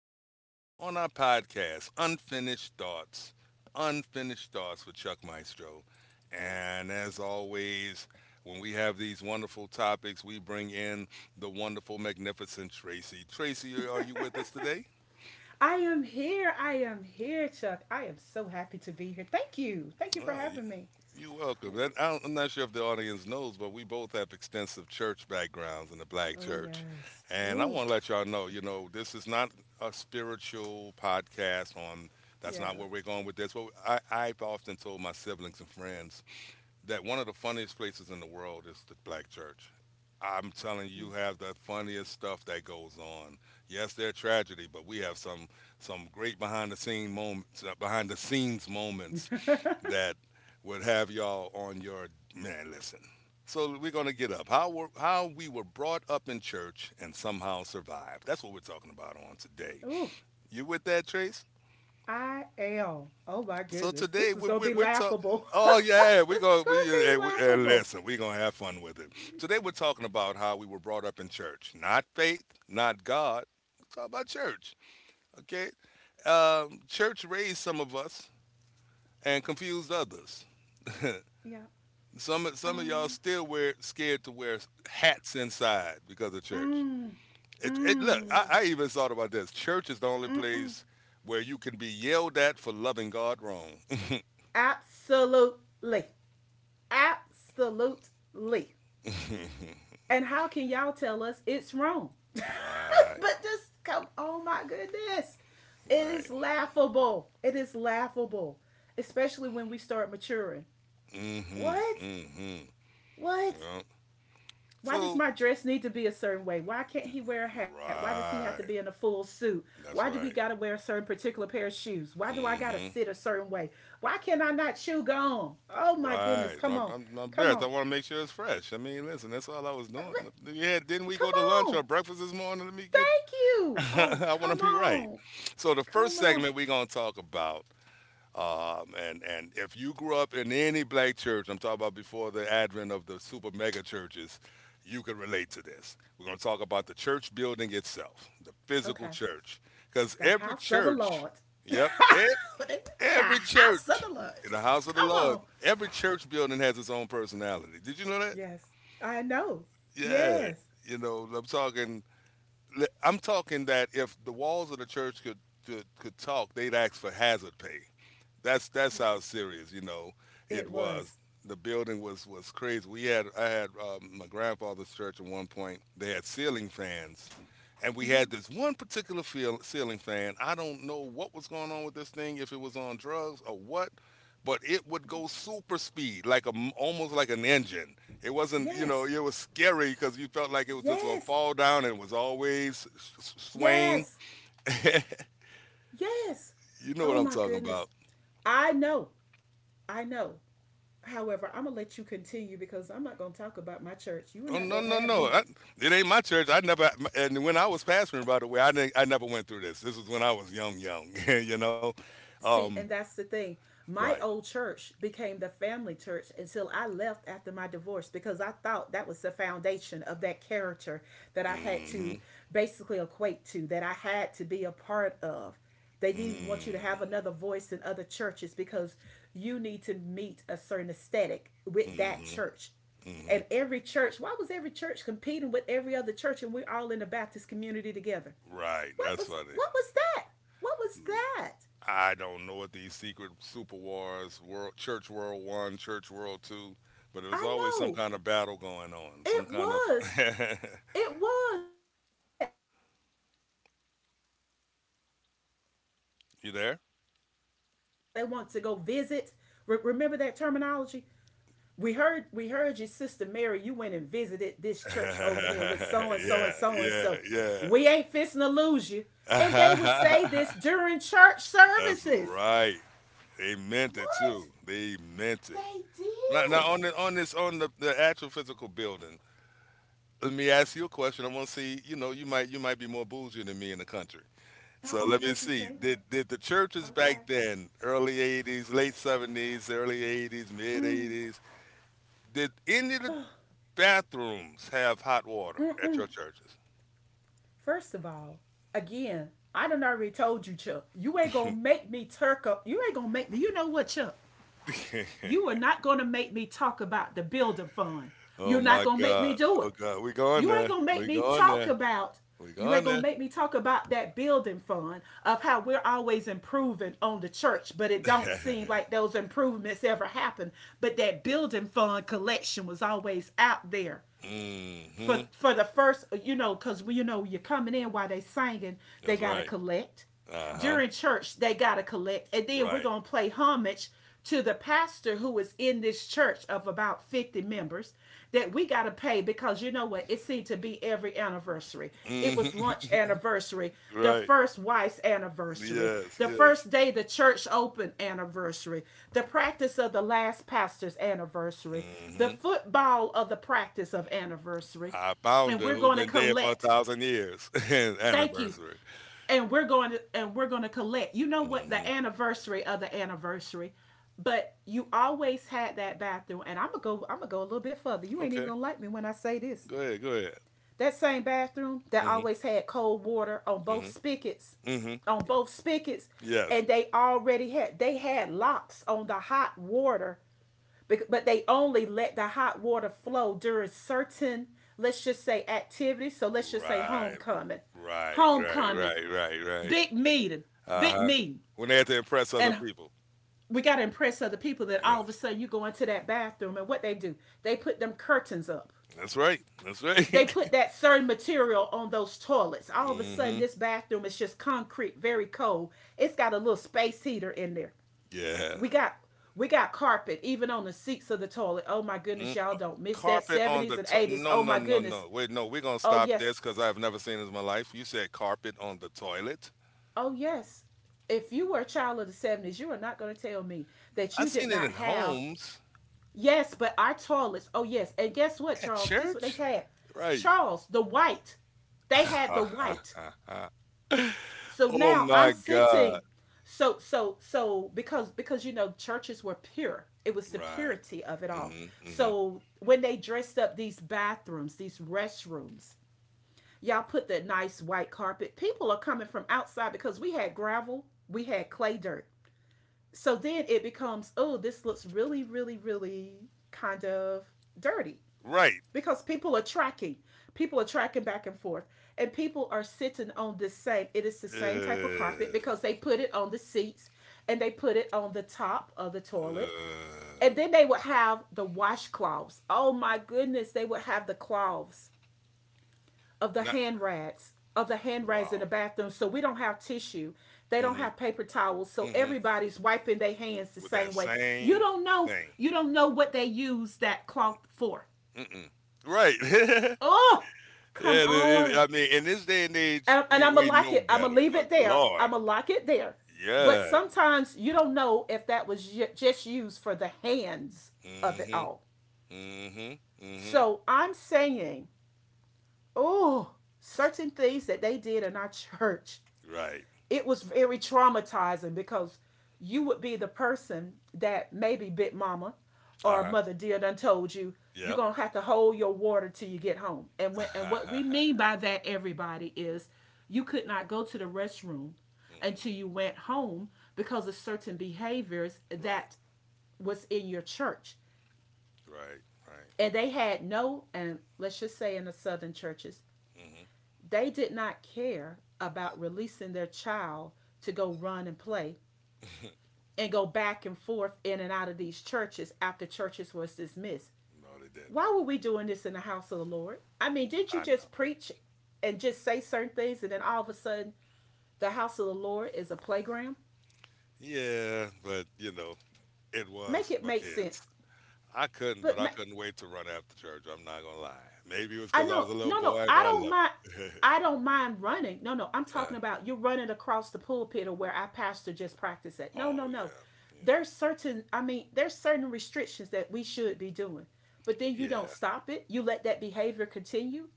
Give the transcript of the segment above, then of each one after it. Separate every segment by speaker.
Speaker 1: back on our podcast, Unfinished Thoughts. Unfinished Thoughts with Chuck Maestro. And as always, when we have these wonderful topics, we bring in the wonderful, magnificent Tracy. Tracy, are you with us today?
Speaker 2: I am here. I am here, Chuck. I am so happy to be here. Thank you. Thank you for
Speaker 1: Ah,
Speaker 2: having me.
Speaker 1: You're welcome. And I'm not sure if the audience knows, but we both have extensive church backgrounds in the black
Speaker 2: Oh,
Speaker 1: church.
Speaker 2: yes.
Speaker 1: And I
Speaker 2: Ooh,
Speaker 1: want to let y'all know, you know, this is not a spiritual podcast on that's not
Speaker 2: yeah.
Speaker 1: where we're going with this. But I've often told my siblings and friends that one of the funniest places in the world is the black church. I'm telling you, you
Speaker 2: Yes.
Speaker 1: have the funniest stuff that goes on. Yes, they're tragedy, but we have some great behind the scene moments, behind the scenes moments that would have y'all on your man. Listen, so we're gonna get up how we were brought up in church and somehow survived. That's what we're talking about on today.
Speaker 2: Ooh,
Speaker 1: You with that, Trace?
Speaker 2: I am. Oh, my
Speaker 1: So
Speaker 2: goodness.
Speaker 1: today
Speaker 2: This is going to be
Speaker 1: we're talking.
Speaker 2: laughable.
Speaker 1: Oh yeah, we
Speaker 2: It's
Speaker 1: go. We,
Speaker 2: going to be
Speaker 1: eh, we eh,
Speaker 2: laughable.
Speaker 1: listen. We're gonna have fun with it. Today we're talking about how we were brought up in church, not faith, not
Speaker 2: Yes.
Speaker 1: God. We're talking about church. Okay, church raised some
Speaker 2: Okay.
Speaker 1: of us and confused others.
Speaker 2: Yeah.
Speaker 1: Some of y'all
Speaker 2: Um.
Speaker 1: still wear scared to wear hats inside because of church.
Speaker 2: Mm.
Speaker 1: It look.
Speaker 2: Mm.
Speaker 1: I even thought about this. Church is the only
Speaker 2: Mm-mm.
Speaker 1: place where you can be yelled at for loving God wrong.
Speaker 2: Absolutely. Absolutely. And how can y'all tell us it's wrong?
Speaker 1: Right,
Speaker 2: But just come, oh my goodness. It
Speaker 1: right.
Speaker 2: is laughable. It is laughable, especially when we start maturing.
Speaker 1: Mm-hmm.
Speaker 2: What?
Speaker 1: Mm-hmm.
Speaker 2: What?
Speaker 1: Yeah.
Speaker 2: Why does
Speaker 1: So
Speaker 2: my dress need to be a certain way? Why can't he wear a hat? Why does he have to be in a
Speaker 1: right.
Speaker 2: full suit? Why do
Speaker 1: That's
Speaker 2: we got to
Speaker 1: right.
Speaker 2: wear a certain particular pair of shoes? Why do I got to
Speaker 1: Mm-hmm.
Speaker 2: sit a certain way? Why can I not chew gum? Oh my goodness.
Speaker 1: Right.
Speaker 2: Come on.
Speaker 1: My
Speaker 2: Come
Speaker 1: best.
Speaker 2: on.
Speaker 1: I want to make sure it's fresh. I mean, listen, that's all I was
Speaker 2: Uh,
Speaker 1: doing. Yeah, didn't we
Speaker 2: Come
Speaker 1: go to lunch
Speaker 2: on.
Speaker 1: or breakfast this morning? Let me get.
Speaker 2: Thank you. Oh,
Speaker 1: I want to
Speaker 2: come
Speaker 1: be right.
Speaker 2: on.
Speaker 1: So the first
Speaker 2: Come on.
Speaker 1: segment we're gonna talk about. And if you grew up in any black church, I'm talking about before the advent of the super mega churches, you can relate to this. We're going to talk about the church building itself, the physical
Speaker 2: Okay.
Speaker 1: church, because
Speaker 2: The
Speaker 1: every
Speaker 2: house of the
Speaker 1: church,
Speaker 2: Lord. The
Speaker 1: yep, every
Speaker 2: house of
Speaker 1: church
Speaker 2: the Lord.
Speaker 1: in the house of the
Speaker 2: Come
Speaker 1: Lord,
Speaker 2: on.
Speaker 1: every church building has its own personality. Did you know that?
Speaker 2: Yes, I know.
Speaker 1: Yeah,
Speaker 2: Yes.
Speaker 1: you know, I'm talking. I'm talking that if the walls of the church could could talk, they'd ask for hazard pay. That's how
Speaker 2: Yes.
Speaker 1: serious you know it
Speaker 2: It
Speaker 1: was.
Speaker 2: was.
Speaker 1: The building was crazy. We had I had my grandfather's church at one point. They had ceiling fans, and we
Speaker 2: Mm-hmm.
Speaker 1: had this one particular ceiling fan. I don't know what was going on with this thing, if it was on drugs or what, but it would go super speed, like a m almost like an engine. It wasn't, you know,
Speaker 2: Yes.
Speaker 1: it was scary because you felt like it was just gonna
Speaker 2: Yes.
Speaker 1: fall down and it was always swaying.
Speaker 2: Yes. Yes.
Speaker 1: You know what
Speaker 2: Oh
Speaker 1: I'm
Speaker 2: my
Speaker 1: talking about?
Speaker 2: goodness. I know. I know. However, I'm going to let you continue because I'm not going to talk about my church. You are
Speaker 1: Oh
Speaker 2: not
Speaker 1: no
Speaker 2: going to
Speaker 1: no
Speaker 2: have
Speaker 1: no!
Speaker 2: me.
Speaker 1: It ain't my church. I never And when I was pastoring, by the way, I didn't. I never went through this. This was when I was young, young. you know,
Speaker 2: See,
Speaker 1: um,
Speaker 2: and that's the thing. My
Speaker 1: right?
Speaker 2: old church became the family church until I left after my divorce because I thought that was the foundation of that character that I had
Speaker 1: Mm-hmm.
Speaker 2: to basically equate to, that I had to be a part of. They didn't even want you to
Speaker 1: Mm-hmm.
Speaker 2: have another voice in other churches because you need to meet a certain aesthetic with that
Speaker 1: Mm-hmm.
Speaker 2: church.
Speaker 1: mm
Speaker 2: And every church, why was every church competing with every other church and we're all in the Baptist community together?
Speaker 1: hmm. Right. That's funny.
Speaker 2: What was that? What was that?
Speaker 1: I don't know what these secret super wars, world, church world one, church world two, but there was
Speaker 2: I
Speaker 1: always some
Speaker 2: know
Speaker 1: kind of battle going on. Some
Speaker 2: it
Speaker 1: kind of
Speaker 2: was. It was. And don't let a church member go to that other church. Really, we're dismissing
Speaker 1: you
Speaker 2: this per,
Speaker 1: there?
Speaker 2: this person all of a sudden because they want to go visit. Re- remember that terminology. We heard your sister Mary. You went and visited this church over there with so and so
Speaker 1: yeah,
Speaker 2: and so and so.
Speaker 1: yeah,
Speaker 2: We ain't fixing to lose you. And they would say this
Speaker 1: yeah.
Speaker 2: during church
Speaker 1: That's
Speaker 2: services.
Speaker 1: right. They meant it
Speaker 2: What?
Speaker 1: too. They meant it.
Speaker 2: They
Speaker 1: Now
Speaker 2: did.
Speaker 1: on the, on this on the actual physical building. Let me ask you a question. I want to see. You know, you might be more bougie than me in the country. So let
Speaker 2: Do
Speaker 1: me
Speaker 2: not you
Speaker 1: see.
Speaker 2: say that.
Speaker 1: Did the churches
Speaker 2: Okay.
Speaker 1: back then, early 80s, late 70s, early 80s, mid 80s, did any of the bathrooms have hot water at your churches?
Speaker 2: First of all, again, I done already told you, Chuck. You ain't gonna make me turk up. You ain't gonna make me. You know what, Chuck? You are not gonna make me talk about the building fund.
Speaker 1: oh
Speaker 2: You're not
Speaker 1: my
Speaker 2: gonna make me
Speaker 1: God!
Speaker 2: do
Speaker 1: Oh
Speaker 2: it.
Speaker 1: God! We going
Speaker 2: You ain't
Speaker 1: there?
Speaker 2: gonna make
Speaker 1: We
Speaker 2: me
Speaker 1: going
Speaker 2: talk
Speaker 1: there?
Speaker 2: about.
Speaker 1: We
Speaker 2: You
Speaker 1: going
Speaker 2: ain't gonna make me talk about that building fund of how we're always improving on the church, but it don't seem
Speaker 1: there?
Speaker 2: like those improvements ever happen. But that building fund collection was always out there
Speaker 1: Mm-hmm.
Speaker 2: for the first, you know, because we, you know, you're coming in while they singing, they
Speaker 1: That's
Speaker 2: gotta
Speaker 1: right.
Speaker 2: collect.
Speaker 1: Uh-huh.
Speaker 2: During church, they gotta collect, and then we're
Speaker 1: Right.
Speaker 2: gonna play homage to the pastor who is in this church of about 50 members that we got to pay, because you know what, it seemed to be every anniversary it was
Speaker 1: Mm-hmm.
Speaker 2: lunch anniversary, the
Speaker 1: Right.
Speaker 2: first wife's anniversary,
Speaker 1: Yes,
Speaker 2: the
Speaker 1: yes.
Speaker 2: first day the church opened anniversary, the practice of the last pastor's anniversary, the
Speaker 1: Mm-hmm.
Speaker 2: football of the practice of anniversary,
Speaker 1: I found
Speaker 2: and
Speaker 1: her
Speaker 2: we're
Speaker 1: who's
Speaker 2: going to
Speaker 1: been dead for a
Speaker 2: collect,
Speaker 1: thousand years.
Speaker 2: thank you,
Speaker 1: Anniversary.
Speaker 2: and we're going to collect, you know what,
Speaker 1: Mm-hmm.
Speaker 2: the anniversary of the anniversary. But you always had that bathroom, and I'm gonna go a little bit further. You ain't even
Speaker 1: Okay.
Speaker 2: gonna like me when I say this:
Speaker 1: Go ahead. Go ahead.
Speaker 2: that same bathroom that
Speaker 1: Mm-hmm.
Speaker 2: always had cold water on both
Speaker 1: Mm-hmm.
Speaker 2: spigots,
Speaker 1: Mm-hmm.
Speaker 2: on both spigots,
Speaker 1: Yes.
Speaker 2: and they had locks on the hot water, but they only let the hot water flow during certain, let's just say, activities. So let's just say
Speaker 1: Right.
Speaker 2: homecoming,
Speaker 1: Right. Right.
Speaker 2: homecoming,
Speaker 1: Right. Right. Right.
Speaker 2: big meeting, big
Speaker 1: Uh-huh.
Speaker 2: meeting,
Speaker 1: When they had to impress other
Speaker 2: and
Speaker 1: people.
Speaker 2: we gotta impress other people. That all of a
Speaker 1: Yes.
Speaker 2: sudden you go into that bathroom and what they do? They put them curtains up.
Speaker 1: That's right. That's
Speaker 2: They
Speaker 1: right.
Speaker 2: put that certain material on those toilets. All of a sudden,
Speaker 1: mm-hmm.
Speaker 2: this bathroom is just concrete, very cold. It's got a little space heater in there.
Speaker 1: Yeah.
Speaker 2: We got we got carpet even on the seats of the toilet. Oh my goodness,
Speaker 1: Mm-hmm.
Speaker 2: y'all don't miss that.
Speaker 1: Carpet on the
Speaker 2: 70's and 80s.
Speaker 1: no
Speaker 2: Oh
Speaker 1: no
Speaker 2: my
Speaker 1: no
Speaker 2: goodness.
Speaker 1: no wait no we're gonna
Speaker 2: Oh
Speaker 1: stop
Speaker 2: yes.
Speaker 1: this because I've never seen this in my life. You said carpet on the toilet.
Speaker 2: Oh yes. If you were a child of the 70s, you are not going to tell me that
Speaker 1: I've
Speaker 2: you did
Speaker 1: seen it
Speaker 2: not
Speaker 1: in
Speaker 2: have.
Speaker 1: homes
Speaker 2: Yes, but our toilets. Oh yes. And guess what,
Speaker 1: at
Speaker 2: Charles? Guess what they
Speaker 1: church,
Speaker 2: had?
Speaker 1: right?
Speaker 2: Charles, the white. They had
Speaker 1: Ha
Speaker 2: the
Speaker 1: ha
Speaker 2: white.
Speaker 1: ha ha!
Speaker 2: So
Speaker 1: Oh
Speaker 2: now
Speaker 1: my
Speaker 2: I'm
Speaker 1: God!
Speaker 2: sitting. So because you know churches were pure. It was the
Speaker 1: Right.
Speaker 2: purity of it all.
Speaker 1: hmm hmm
Speaker 2: So when they dressed up these bathrooms, these restrooms, y'all put the nice white carpet. People are coming from outside because we had gravel, we had clay dirt. So then it becomes, oh, this looks really, really, really kind of dirty
Speaker 1: Right.
Speaker 2: because people are tracking. People are tracking back and forth. And people are sitting on the same, it is the same type of carpet
Speaker 1: Uh,
Speaker 2: because they put it on the seats and they put it on the top of the toilet.
Speaker 1: uh,
Speaker 2: And then they would have the washcloths. Oh my goodness, they would have the cloths of the
Speaker 1: not
Speaker 2: hand rags, of the hand rags in the
Speaker 1: wow.
Speaker 2: bathroom. So we don't have tissue. They don't
Speaker 1: hmm
Speaker 2: have paper towels. So
Speaker 1: hmm
Speaker 2: everybody's wiping their hands the
Speaker 1: With that
Speaker 2: same way. You
Speaker 1: same
Speaker 2: don't know,
Speaker 1: thing.
Speaker 2: you don't know what they use that cloth for.
Speaker 1: Mm-mm. Right. yeah.
Speaker 2: Oh, come on.
Speaker 1: I mean, in this day and age,
Speaker 2: And I'm going
Speaker 1: we
Speaker 2: to lock
Speaker 1: know
Speaker 2: it. I'm going to
Speaker 1: better.
Speaker 2: leave
Speaker 1: But
Speaker 2: it there. I'm
Speaker 1: Lord.
Speaker 2: going to lock it there. But
Speaker 1: Yeah.
Speaker 2: sometimes you don't know if that was just used for the hands
Speaker 1: mm
Speaker 2: of it
Speaker 1: Mhm.
Speaker 2: all.
Speaker 1: mm Mhm. mm
Speaker 2: So I'm saying, oh, certain things that they did in our church,
Speaker 1: Mhm. Right.
Speaker 2: it was very traumatizing because you would be the person that maybe big mama or
Speaker 1: Uh-huh.
Speaker 2: mother dear done told you you're
Speaker 1: Yep.
Speaker 2: gonna have to hold your water till you get home. And when and what we mean by that, everybody, is you could not go to the restroom
Speaker 1: Mm-mm.
Speaker 2: until you went home because of certain behaviors
Speaker 1: Right.
Speaker 2: that was in your church.
Speaker 1: Right. Right.
Speaker 2: And they had no, and let's just say in the southern churches,
Speaker 1: mm Mhm.
Speaker 2: they did not care about releasing their child to go run and play and go back and forth in and out of these churches after churches was dismissed.
Speaker 1: No, they didn't.
Speaker 2: Why were we doing this in the house of the Lord? I mean, did not you
Speaker 1: I know.
Speaker 2: just preach and just say certain things and then all of a sudden the house of the Lord is a playground?
Speaker 1: Yeah, but you know, it
Speaker 2: Make
Speaker 1: was
Speaker 2: it
Speaker 1: for
Speaker 2: make
Speaker 1: kids.
Speaker 2: sense.
Speaker 1: I couldn't, but
Speaker 2: But
Speaker 1: I
Speaker 2: ma-
Speaker 1: couldn't wait to run after church. I'm not gonna lie. Maybe it was
Speaker 2: I
Speaker 1: because I was
Speaker 2: know.
Speaker 1: a little
Speaker 2: No, no.
Speaker 1: boy,
Speaker 2: I
Speaker 1: but I
Speaker 2: don't
Speaker 1: loved
Speaker 2: mind.
Speaker 1: it.
Speaker 2: I don't mind running. No, no. I'm
Speaker 1: uh,
Speaker 2: talking about you're running across the pulpit or where I pastor just practice at. No,
Speaker 1: oh
Speaker 2: no, no.
Speaker 1: yeah,
Speaker 2: There's certain. I mean, there's certain restrictions that we should be doing. But then you
Speaker 1: yeah, yeah.
Speaker 2: don't stop it. You let that behavior continue.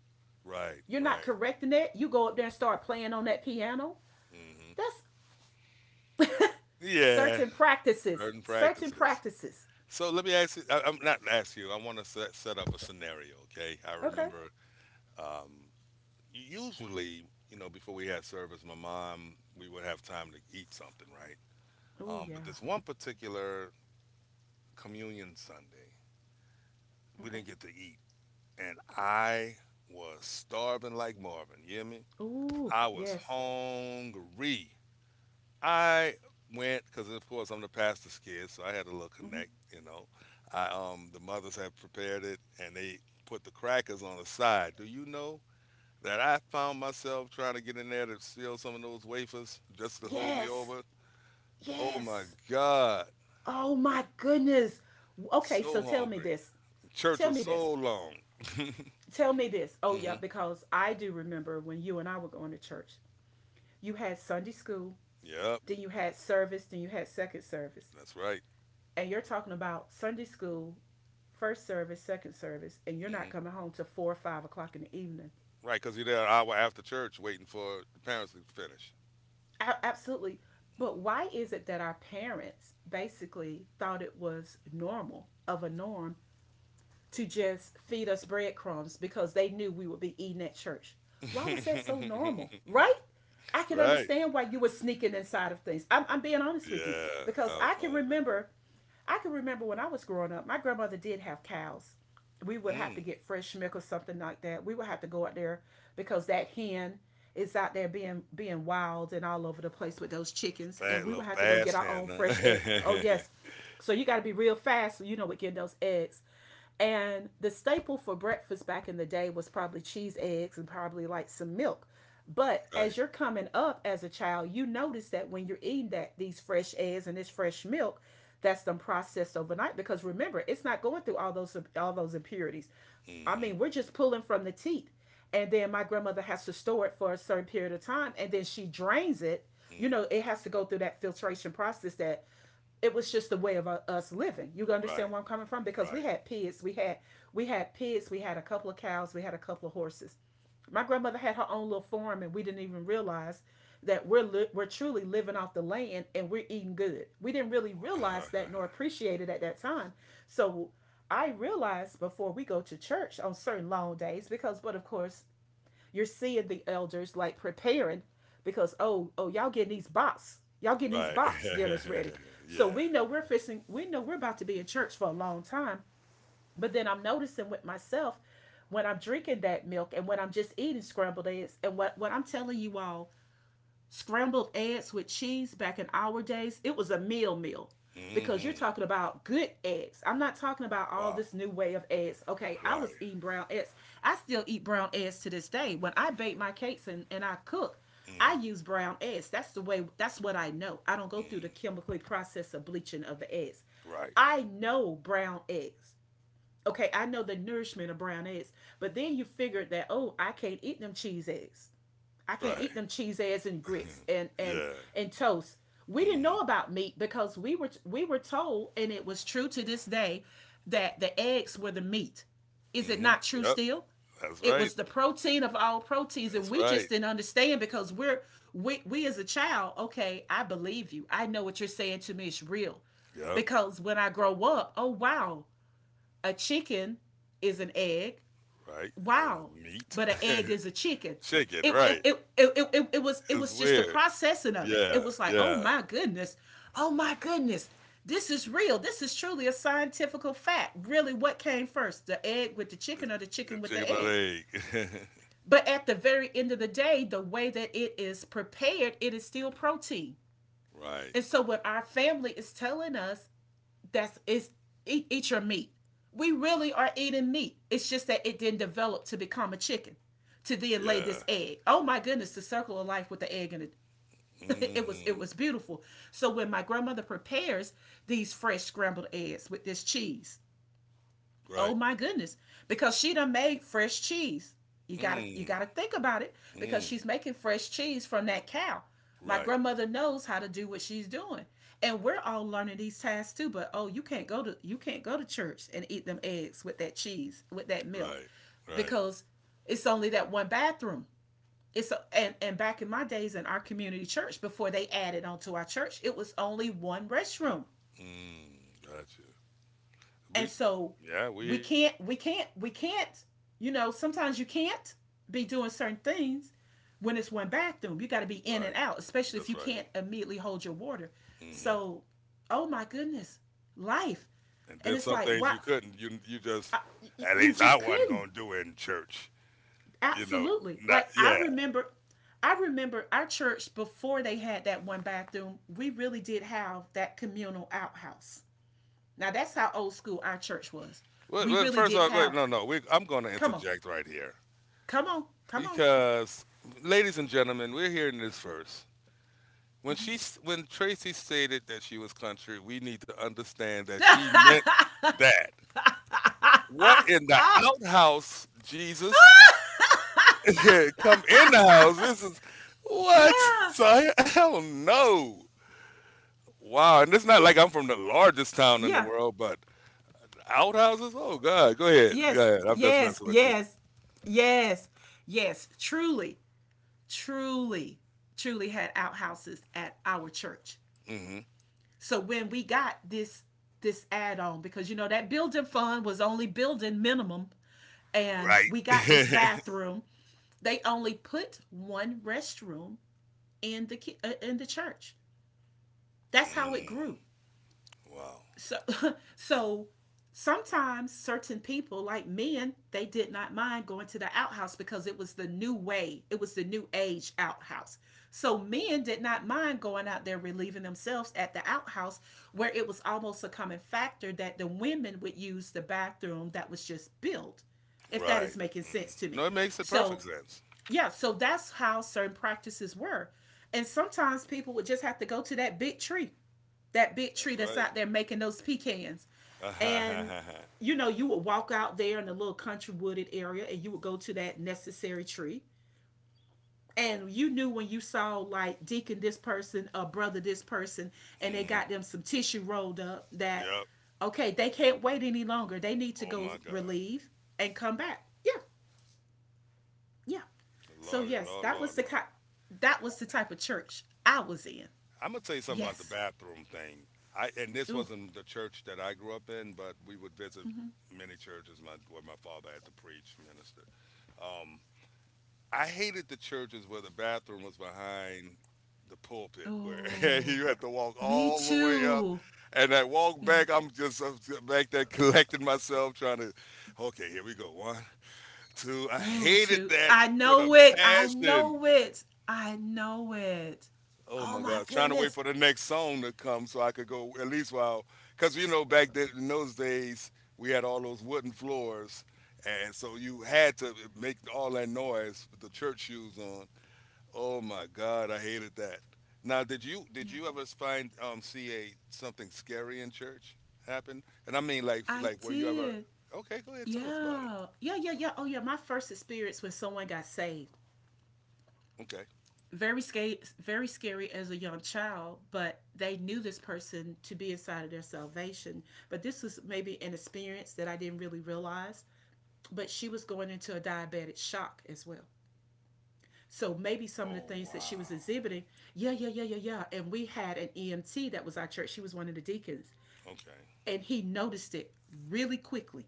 Speaker 1: Right,
Speaker 2: You're not
Speaker 1: right.
Speaker 2: correcting that. You go up there and start playing on that piano.
Speaker 1: hmm
Speaker 2: That's
Speaker 1: Yeah,
Speaker 2: certain practices.
Speaker 1: certain
Speaker 2: Certain
Speaker 1: practices.
Speaker 2: practices.
Speaker 1: So let me ask you. I want to set up a scenario. Okay. I
Speaker 2: Okay.
Speaker 1: remember. Um, Usually, you know, before we had service, my mom, we would have time to eat something, right?
Speaker 2: Oh
Speaker 1: But
Speaker 2: yeah.
Speaker 1: this one particular communion Sunday, we
Speaker 2: Okay.
Speaker 1: didn't get to eat, and I was starving like Marvin. You hear me?
Speaker 2: Oh
Speaker 1: I was
Speaker 2: yes.
Speaker 1: hungry. I went because, of course, I'm the pastor's kid, so I had a little
Speaker 2: Mm-hmm.
Speaker 1: connect. You know, I the mothers have prepared it, and they put the crackers on the side. Do you know that I found myself trying to get in there to steal some of those wafers just to hold me
Speaker 2: Yes.
Speaker 1: over? Oh my
Speaker 2: Yes.
Speaker 1: God,
Speaker 2: Oh my goodness. Okay, so
Speaker 1: so
Speaker 2: tell me
Speaker 1: hungry.
Speaker 2: this.
Speaker 1: Church
Speaker 2: Tell
Speaker 1: was
Speaker 2: me this.
Speaker 1: so long.
Speaker 2: Tell me this. Oh yeah,
Speaker 1: Hmm
Speaker 2: because I do remember when you and I were going to church. You had Sunday school,
Speaker 1: Yep,
Speaker 2: then you had service, then you had second service.
Speaker 1: that's right.
Speaker 2: And you're talking about Sunday school, first service, second service, and you're not
Speaker 1: hmm
Speaker 2: coming home till 4 or 5 o'clock in the evening.
Speaker 1: Right, because you're there an hour after church waiting for the parents to finish.
Speaker 2: A- absolutely. But why is it that our parents basically thought it was normal of a norm to just feed us breadcrumbs because they knew we would be eating at church. Why was that so normal, right? I can
Speaker 1: right.
Speaker 2: understand why you were sneaking inside of things. I'm being honest with you
Speaker 1: Yeah,
Speaker 2: because
Speaker 1: I was hungry.
Speaker 2: I can remember when I was growing up, my grandmother did have cows. We would have to
Speaker 1: Mm,
Speaker 2: get fresh milk or something like that. We would have to go out there because that hen is out there being wild and all over the place with those chickens, and
Speaker 1: fat
Speaker 2: we
Speaker 1: little
Speaker 2: would have to go get
Speaker 1: fast
Speaker 2: our
Speaker 1: hand,
Speaker 2: own
Speaker 1: huh?
Speaker 2: fresh eggs. Oh yes, so you got to be real fast, so you know, with getting those eggs. And the staple for breakfast back in the day was probably cheese, eggs, and probably like some milk. But as
Speaker 1: Right.
Speaker 2: you're coming up as a child, you notice that when you're eating that these fresh eggs and this fresh milk, that's them processed overnight. Because remember, it's not going through all those impurities. I
Speaker 1: Mm-hmm.
Speaker 2: mean, we're just pulling from the teat. And then my grandmother has to store it for a certain period of time and then she drains it. You
Speaker 1: Mm.
Speaker 2: know, it has to go through that filtration process that it was just the way of us living. You understand
Speaker 1: Right.
Speaker 2: where I'm coming from? Because
Speaker 1: Right.
Speaker 2: we had pigs, we had a couple of cows, we had a couple of horses. My grandmother had her own little farm, and we didn't even realize that we're truly living off the land and we're eating good. We didn't really realize that nor appreciate it at that time. So I realized before we go to church on certain long days because, but of course, you're seeing the elders like preparing because oh y'all getting these
Speaker 1: Right.
Speaker 2: box dinners ready so
Speaker 1: Yeah.
Speaker 2: we know we're about to be in church for a long time but then I'm noticing with myself when I'm drinking that milk and when I'm just eating scrambled eggs and what I'm telling you all, scrambled eggs with cheese back in our days, it was a meal because you're
Speaker 1: Mm-hmm.
Speaker 2: talking about good eggs. I'm not talking about all
Speaker 1: Wow.
Speaker 2: this new way of eggs. Okay, I
Speaker 1: Right.
Speaker 2: was eating brown eggs. I still eat brown eggs to this day. When I bake my cakes and I cook,
Speaker 1: Mm-hmm.
Speaker 2: I use brown eggs. That's the way that's what I know. I don't go through the
Speaker 1: Mm.
Speaker 2: chemically process of bleaching of the eggs.
Speaker 1: Right.
Speaker 2: I know brown eggs. Okay, I know the nourishment of brown eggs. But then you figured that, oh, I can't eat them cheese eggs. I can't
Speaker 1: Right.
Speaker 2: eat them cheese eggs and grits
Speaker 1: Yeah.
Speaker 2: and toast. We didn't
Speaker 1: Mm-hmm.
Speaker 2: know about meat because we were told, and it was true to this day, that the eggs were the meat. Is it
Speaker 1: Mm-hmm.
Speaker 2: not true
Speaker 1: Yep.
Speaker 2: still?
Speaker 1: That's
Speaker 2: It
Speaker 1: right.
Speaker 2: was the protein of all proteins, and
Speaker 1: That's
Speaker 2: we
Speaker 1: right.
Speaker 2: just didn't understand because we as a child. Okay, I believe you. I know what you're saying to me is real,
Speaker 1: Yep.
Speaker 2: because when I grow up, oh wow, a chicken is an egg,
Speaker 1: Right.
Speaker 2: wow,
Speaker 1: And meat.
Speaker 2: but an egg is a chicken.
Speaker 1: Chicken.
Speaker 2: It it,
Speaker 1: Right.
Speaker 2: it, it, it, it, was it
Speaker 1: It's
Speaker 2: was just the
Speaker 1: weird.
Speaker 2: processing of it. It
Speaker 1: Yeah.
Speaker 2: was like,
Speaker 1: Yeah.
Speaker 2: oh my goodness, this is real. This is truly a scientific fact. Really, what came first, the egg with the chicken or the chicken with
Speaker 1: Chicken
Speaker 2: the
Speaker 1: or
Speaker 2: egg?
Speaker 1: egg.
Speaker 2: But at the very end of the day, the way that it is prepared, it is still protein.
Speaker 1: Right.
Speaker 2: And so, what our family is telling us that's it's eat your meat. We really are eating meat. It's just that it didn't develop to become a chicken, to then lay this
Speaker 1: Yeah.
Speaker 2: egg. Oh my goodness, the circle of life with the egg and it. It
Speaker 1: Mm-hmm.
Speaker 2: was beautiful. So when my grandmother prepares these fresh scrambled eggs with this cheese, oh
Speaker 1: Right.
Speaker 2: my goodness. Because she done made fresh cheese. You gotta you
Speaker 1: Mm,
Speaker 2: gotta think about it because
Speaker 1: mm.
Speaker 2: she's making fresh cheese from that cow. My
Speaker 1: Right,
Speaker 2: grandmother knows how to do what she's doing. And we're all learning these tasks too, but oh you can't go to church and eat them eggs with that cheese, with that milk.
Speaker 1: right, right.
Speaker 2: Because it's only that one bathroom. And back in my days in our community church, before they added onto our church, it was only one restroom.
Speaker 1: Mm, gotcha.
Speaker 2: And
Speaker 1: We,
Speaker 2: so
Speaker 1: yeah,
Speaker 2: we can't, you know, sometimes you can't be doing certain things when it's one bathroom. You got to be in and
Speaker 1: right.
Speaker 2: out, especially if
Speaker 1: That's
Speaker 2: you
Speaker 1: right.
Speaker 2: can't immediately hold your water.
Speaker 1: hmm
Speaker 2: So, oh my goodness, life.
Speaker 1: And
Speaker 2: And
Speaker 1: then
Speaker 2: it's
Speaker 1: some
Speaker 2: like,
Speaker 1: things you couldn't. You just,
Speaker 2: I,
Speaker 1: at
Speaker 2: you
Speaker 1: least I
Speaker 2: just
Speaker 1: wasn't
Speaker 2: couldn't.
Speaker 1: gonna do it in church. You know,
Speaker 2: Absolutely.
Speaker 1: not
Speaker 2: Like
Speaker 1: yeah.
Speaker 2: I remember our church before they had that one bathroom, we really did have that communal outhouse. Now that's how old school our church was.
Speaker 1: Well,
Speaker 2: We
Speaker 1: well,
Speaker 2: really
Speaker 1: first
Speaker 2: did
Speaker 1: off, wait,
Speaker 2: have,
Speaker 1: no, no. We, I'm gonna
Speaker 2: come on.
Speaker 1: interject right here
Speaker 2: Come on.
Speaker 1: because, ladies and gentlemen, we're hearing this first. When when Tracy stated that she was country, we need to understand that she meant that. What in the outhouse, Jesus? Yeah, come in the house. This is what?
Speaker 2: yeah,
Speaker 1: So hell no. Wow, and it's not like I'm from the largest town in the
Speaker 2: yeah,
Speaker 1: world, but outhouses? Oh God, go ahead, go
Speaker 2: yes,
Speaker 1: ahead. I'm just messing with you.
Speaker 2: yes, yes. Truly, Truly had outhouses at our church.
Speaker 1: Hmm
Speaker 2: So when we got this add on, because you know that building fund was only building minimum, and
Speaker 1: Right.
Speaker 2: we got this bathroom. They only put one restroom in the in the church. That's how it grew.
Speaker 1: mm, wow.
Speaker 2: So So sometimes certain people like men, they did not mind going to the outhouse because it was the new age outhouse. So men did not mind going out there relieving themselves at the outhouse, where it was almost a common factor that the women would use the bathroom that was just built, if that
Speaker 1: Right.
Speaker 2: is making
Speaker 1: hmm
Speaker 2: sense to me.
Speaker 1: No, it makes the perfect
Speaker 2: So
Speaker 1: sense.
Speaker 2: yeah, so that's how certain practices were. And sometimes people would just have to go to that big tree,
Speaker 1: That's
Speaker 2: that's out there making those pecans. And
Speaker 1: right.
Speaker 2: you know, you would walk out there in the little country wooded area and you would go to that necessary tree. And you knew when you saw like deacon this person or brother this person and they
Speaker 1: hmm
Speaker 2: got them some tissue rolled up that,
Speaker 1: Yep.
Speaker 2: okay, they can't wait any longer. They need to
Speaker 1: Oh my
Speaker 2: go
Speaker 1: God.
Speaker 2: relieve and come back. Yeah. Yeah. So
Speaker 1: Lordy,
Speaker 2: yes,
Speaker 1: Lord,
Speaker 2: that was
Speaker 1: Lord, Lord.
Speaker 2: that was the type of church I was in.
Speaker 1: I'm gonna tell you something about the
Speaker 2: Yes.
Speaker 1: bathroom thing. I and this
Speaker 2: Ooh.
Speaker 1: wasn't the church that I grew up in, but we would visit many churches. My where my father had to preach, minister. Um, I hated the churches where the bathroom was behind the pulpit, where
Speaker 2: Oh,
Speaker 1: you had to walk
Speaker 2: me
Speaker 1: all the way up.
Speaker 2: too.
Speaker 1: And I walk
Speaker 2: Yeah.
Speaker 1: back, I'm just back there collecting myself, trying to, okay, here we go. One, two. I
Speaker 2: No,
Speaker 1: hated
Speaker 2: too.
Speaker 1: that
Speaker 2: I
Speaker 1: with a
Speaker 2: know it. I
Speaker 1: passion.
Speaker 2: know it. I know it.
Speaker 1: Oh
Speaker 2: Oh
Speaker 1: my
Speaker 2: my
Speaker 1: God! Trying to wait
Speaker 2: goodness.
Speaker 1: for the next song to come so I could go at least while, because you know back then in those days we had all those wooden floors, and so you had to make all that noise with the church shoes on. Oh my God! I hated that. Now, did
Speaker 2: Yeah.
Speaker 1: you ever find see a something scary in church happen? And I mean like
Speaker 2: I
Speaker 1: like were you ever?
Speaker 2: did.
Speaker 1: Okay, go ahead, tell us about it.
Speaker 2: Yeah. Oh yeah, my first experience when someone got saved.
Speaker 1: Okay.
Speaker 2: Very scary as a young child, but they knew this person to be inside of their salvation. But this was maybe an experience that I didn't really realize. But she was going into a diabetic shock as well. So maybe some of the
Speaker 1: Oh
Speaker 2: things that she
Speaker 1: wow.
Speaker 2: was exhibiting, yeah. And we had an EMT that was our church. She was one of the deacons.
Speaker 1: Okay.
Speaker 2: And he noticed it really quickly.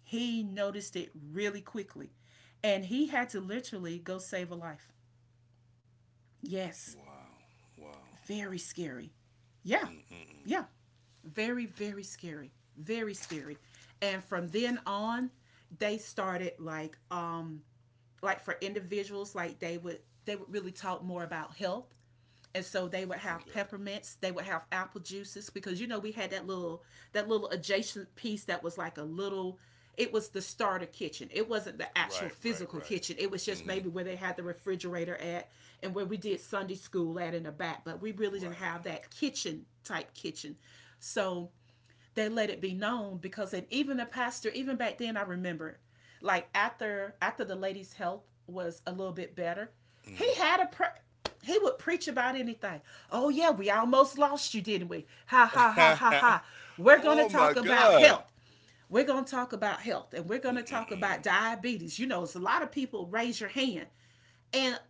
Speaker 2: He noticed it really quickly. And he had to literally go save a life. Yes,
Speaker 1: Wow. Wow.
Speaker 2: very scary. Yeah,
Speaker 1: Mm-mm-mm.
Speaker 2: yeah. Very, very scary. Very scary. And from then on, they started like for individuals, like they would really talk more about health. And so they would have
Speaker 1: Okay.
Speaker 2: peppermints, they would have apple juices because you know we had that little, that little adjacent piece that was like a little, it was the starter kitchen. It wasn't the actual
Speaker 1: Right, right,
Speaker 2: physical
Speaker 1: right.
Speaker 2: kitchen. It was just
Speaker 1: hmm
Speaker 2: maybe where they had the refrigerator at, and where we did Sunday school at in the back, but we really didn't have
Speaker 1: Right.
Speaker 2: that kitchen type kitchen. So they let it be known, because, and even the pastor, even back then I remember, like after the lady's health was a little bit better,
Speaker 1: hmm
Speaker 2: he would preach about anything. Oh yeah, we almost lost you didn't we, ha ha ha ha ha. We're gonna
Speaker 1: oh my
Speaker 2: talk about
Speaker 1: God.
Speaker 2: health. We're gonna talk about health and we're gonna talk
Speaker 1: Mm-mm-mm.
Speaker 2: about diabetes, you know, it's a lot of people, raise your hand. And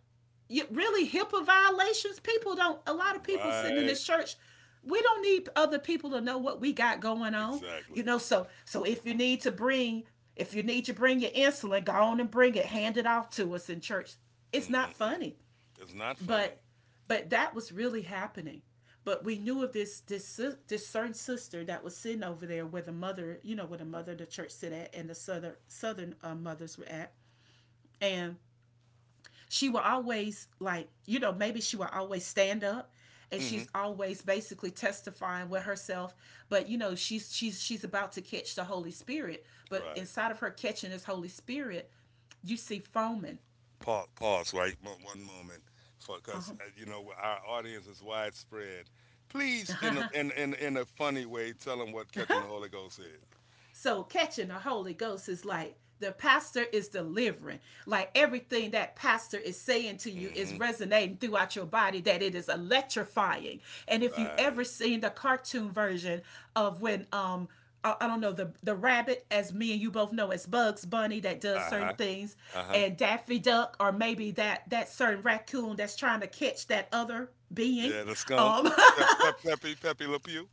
Speaker 2: you, really, HIPAA violations. People don't. A lot of people sitting in
Speaker 1: Right.
Speaker 2: this church. We don't need other people to know what we got going on,
Speaker 1: Exactly.
Speaker 2: you know. So, so if you need to bring, if you need to bring your insulin, go on and bring it. Hand it off to us in church. It's not
Speaker 1: Mm-mm-mm.
Speaker 2: funny,
Speaker 1: It's not funny.
Speaker 2: but, but that was really happening. But we knew of this this certain sister that was sitting over there where the mother, you know, where the mother of the church sit at, and the southern mothers were at, and she will always, like, you know, maybe she will always stand up, and
Speaker 1: Hmm
Speaker 2: she's always basically testifying with herself, but you know she's about to catch the Holy Spirit, but
Speaker 1: Right.
Speaker 2: inside of her catching this Holy Spirit, you see foaming.
Speaker 1: Pause. Pause. Right. One moment, because you know our audience is widespread. Please, in in a funny way, tell them what catching the Holy Ghost is.
Speaker 2: So catching the Holy Ghost is like the pastor is delivering. Like everything that pastor is saying to you is
Speaker 1: Hmm
Speaker 2: resonating throughout your body, that it is electrifying. And if you ever
Speaker 1: Right.
Speaker 2: seen the cartoon version of when I don't know, the rabbit, as me and you both know, as Bugs Bunny that does
Speaker 1: Uh
Speaker 2: certain
Speaker 1: huh.
Speaker 2: things,
Speaker 1: Uh huh.
Speaker 2: and Daffy Duck, or maybe that certain raccoon that's trying to catch that other being.
Speaker 1: Yeah. The skunk.
Speaker 2: Um,
Speaker 1: Peppy. Peppy Le Pew.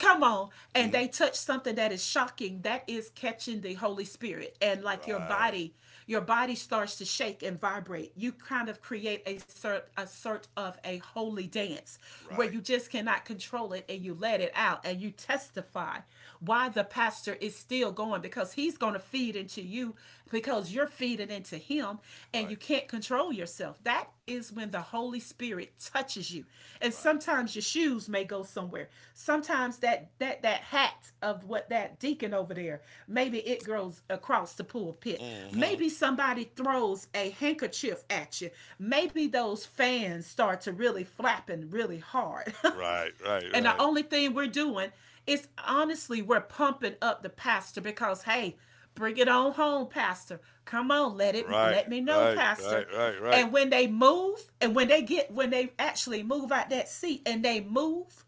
Speaker 2: come on, and
Speaker 1: Hmm
Speaker 2: they touch something that is shocking. That is catching the Holy Spirit, and like
Speaker 1: Right.
Speaker 2: your body starts to shake and vibrate. You kind of create a sort of a holy dance where you
Speaker 1: Right.
Speaker 2: just cannot control it, and you let it out, and you testify why the pastor is still going, because he's going to feed into you because you're feeding in surrendered into Him, and you
Speaker 1: Right.
Speaker 2: can't control yourself. That is when the Holy Spirit touches you. And
Speaker 1: Right,
Speaker 2: sometimes your shoes may go somewhere. Sometimes that hat of what that deacon over there, maybe it goes across the pulpit.
Speaker 1: Mm-hmm.
Speaker 2: Maybe somebody throws a handkerchief at you. Maybe those fans start to really flapping really hard.
Speaker 1: Right, right,
Speaker 2: And the
Speaker 1: right,
Speaker 2: only thing we're doing is honestly, we're pumping up the pastor because, hey, bring it on home, pastor. Come on,
Speaker 1: right,
Speaker 2: let me know,
Speaker 1: right, right,
Speaker 2: pastor.
Speaker 1: right, right.
Speaker 2: And when they move, and when they actually move out that seat and they move,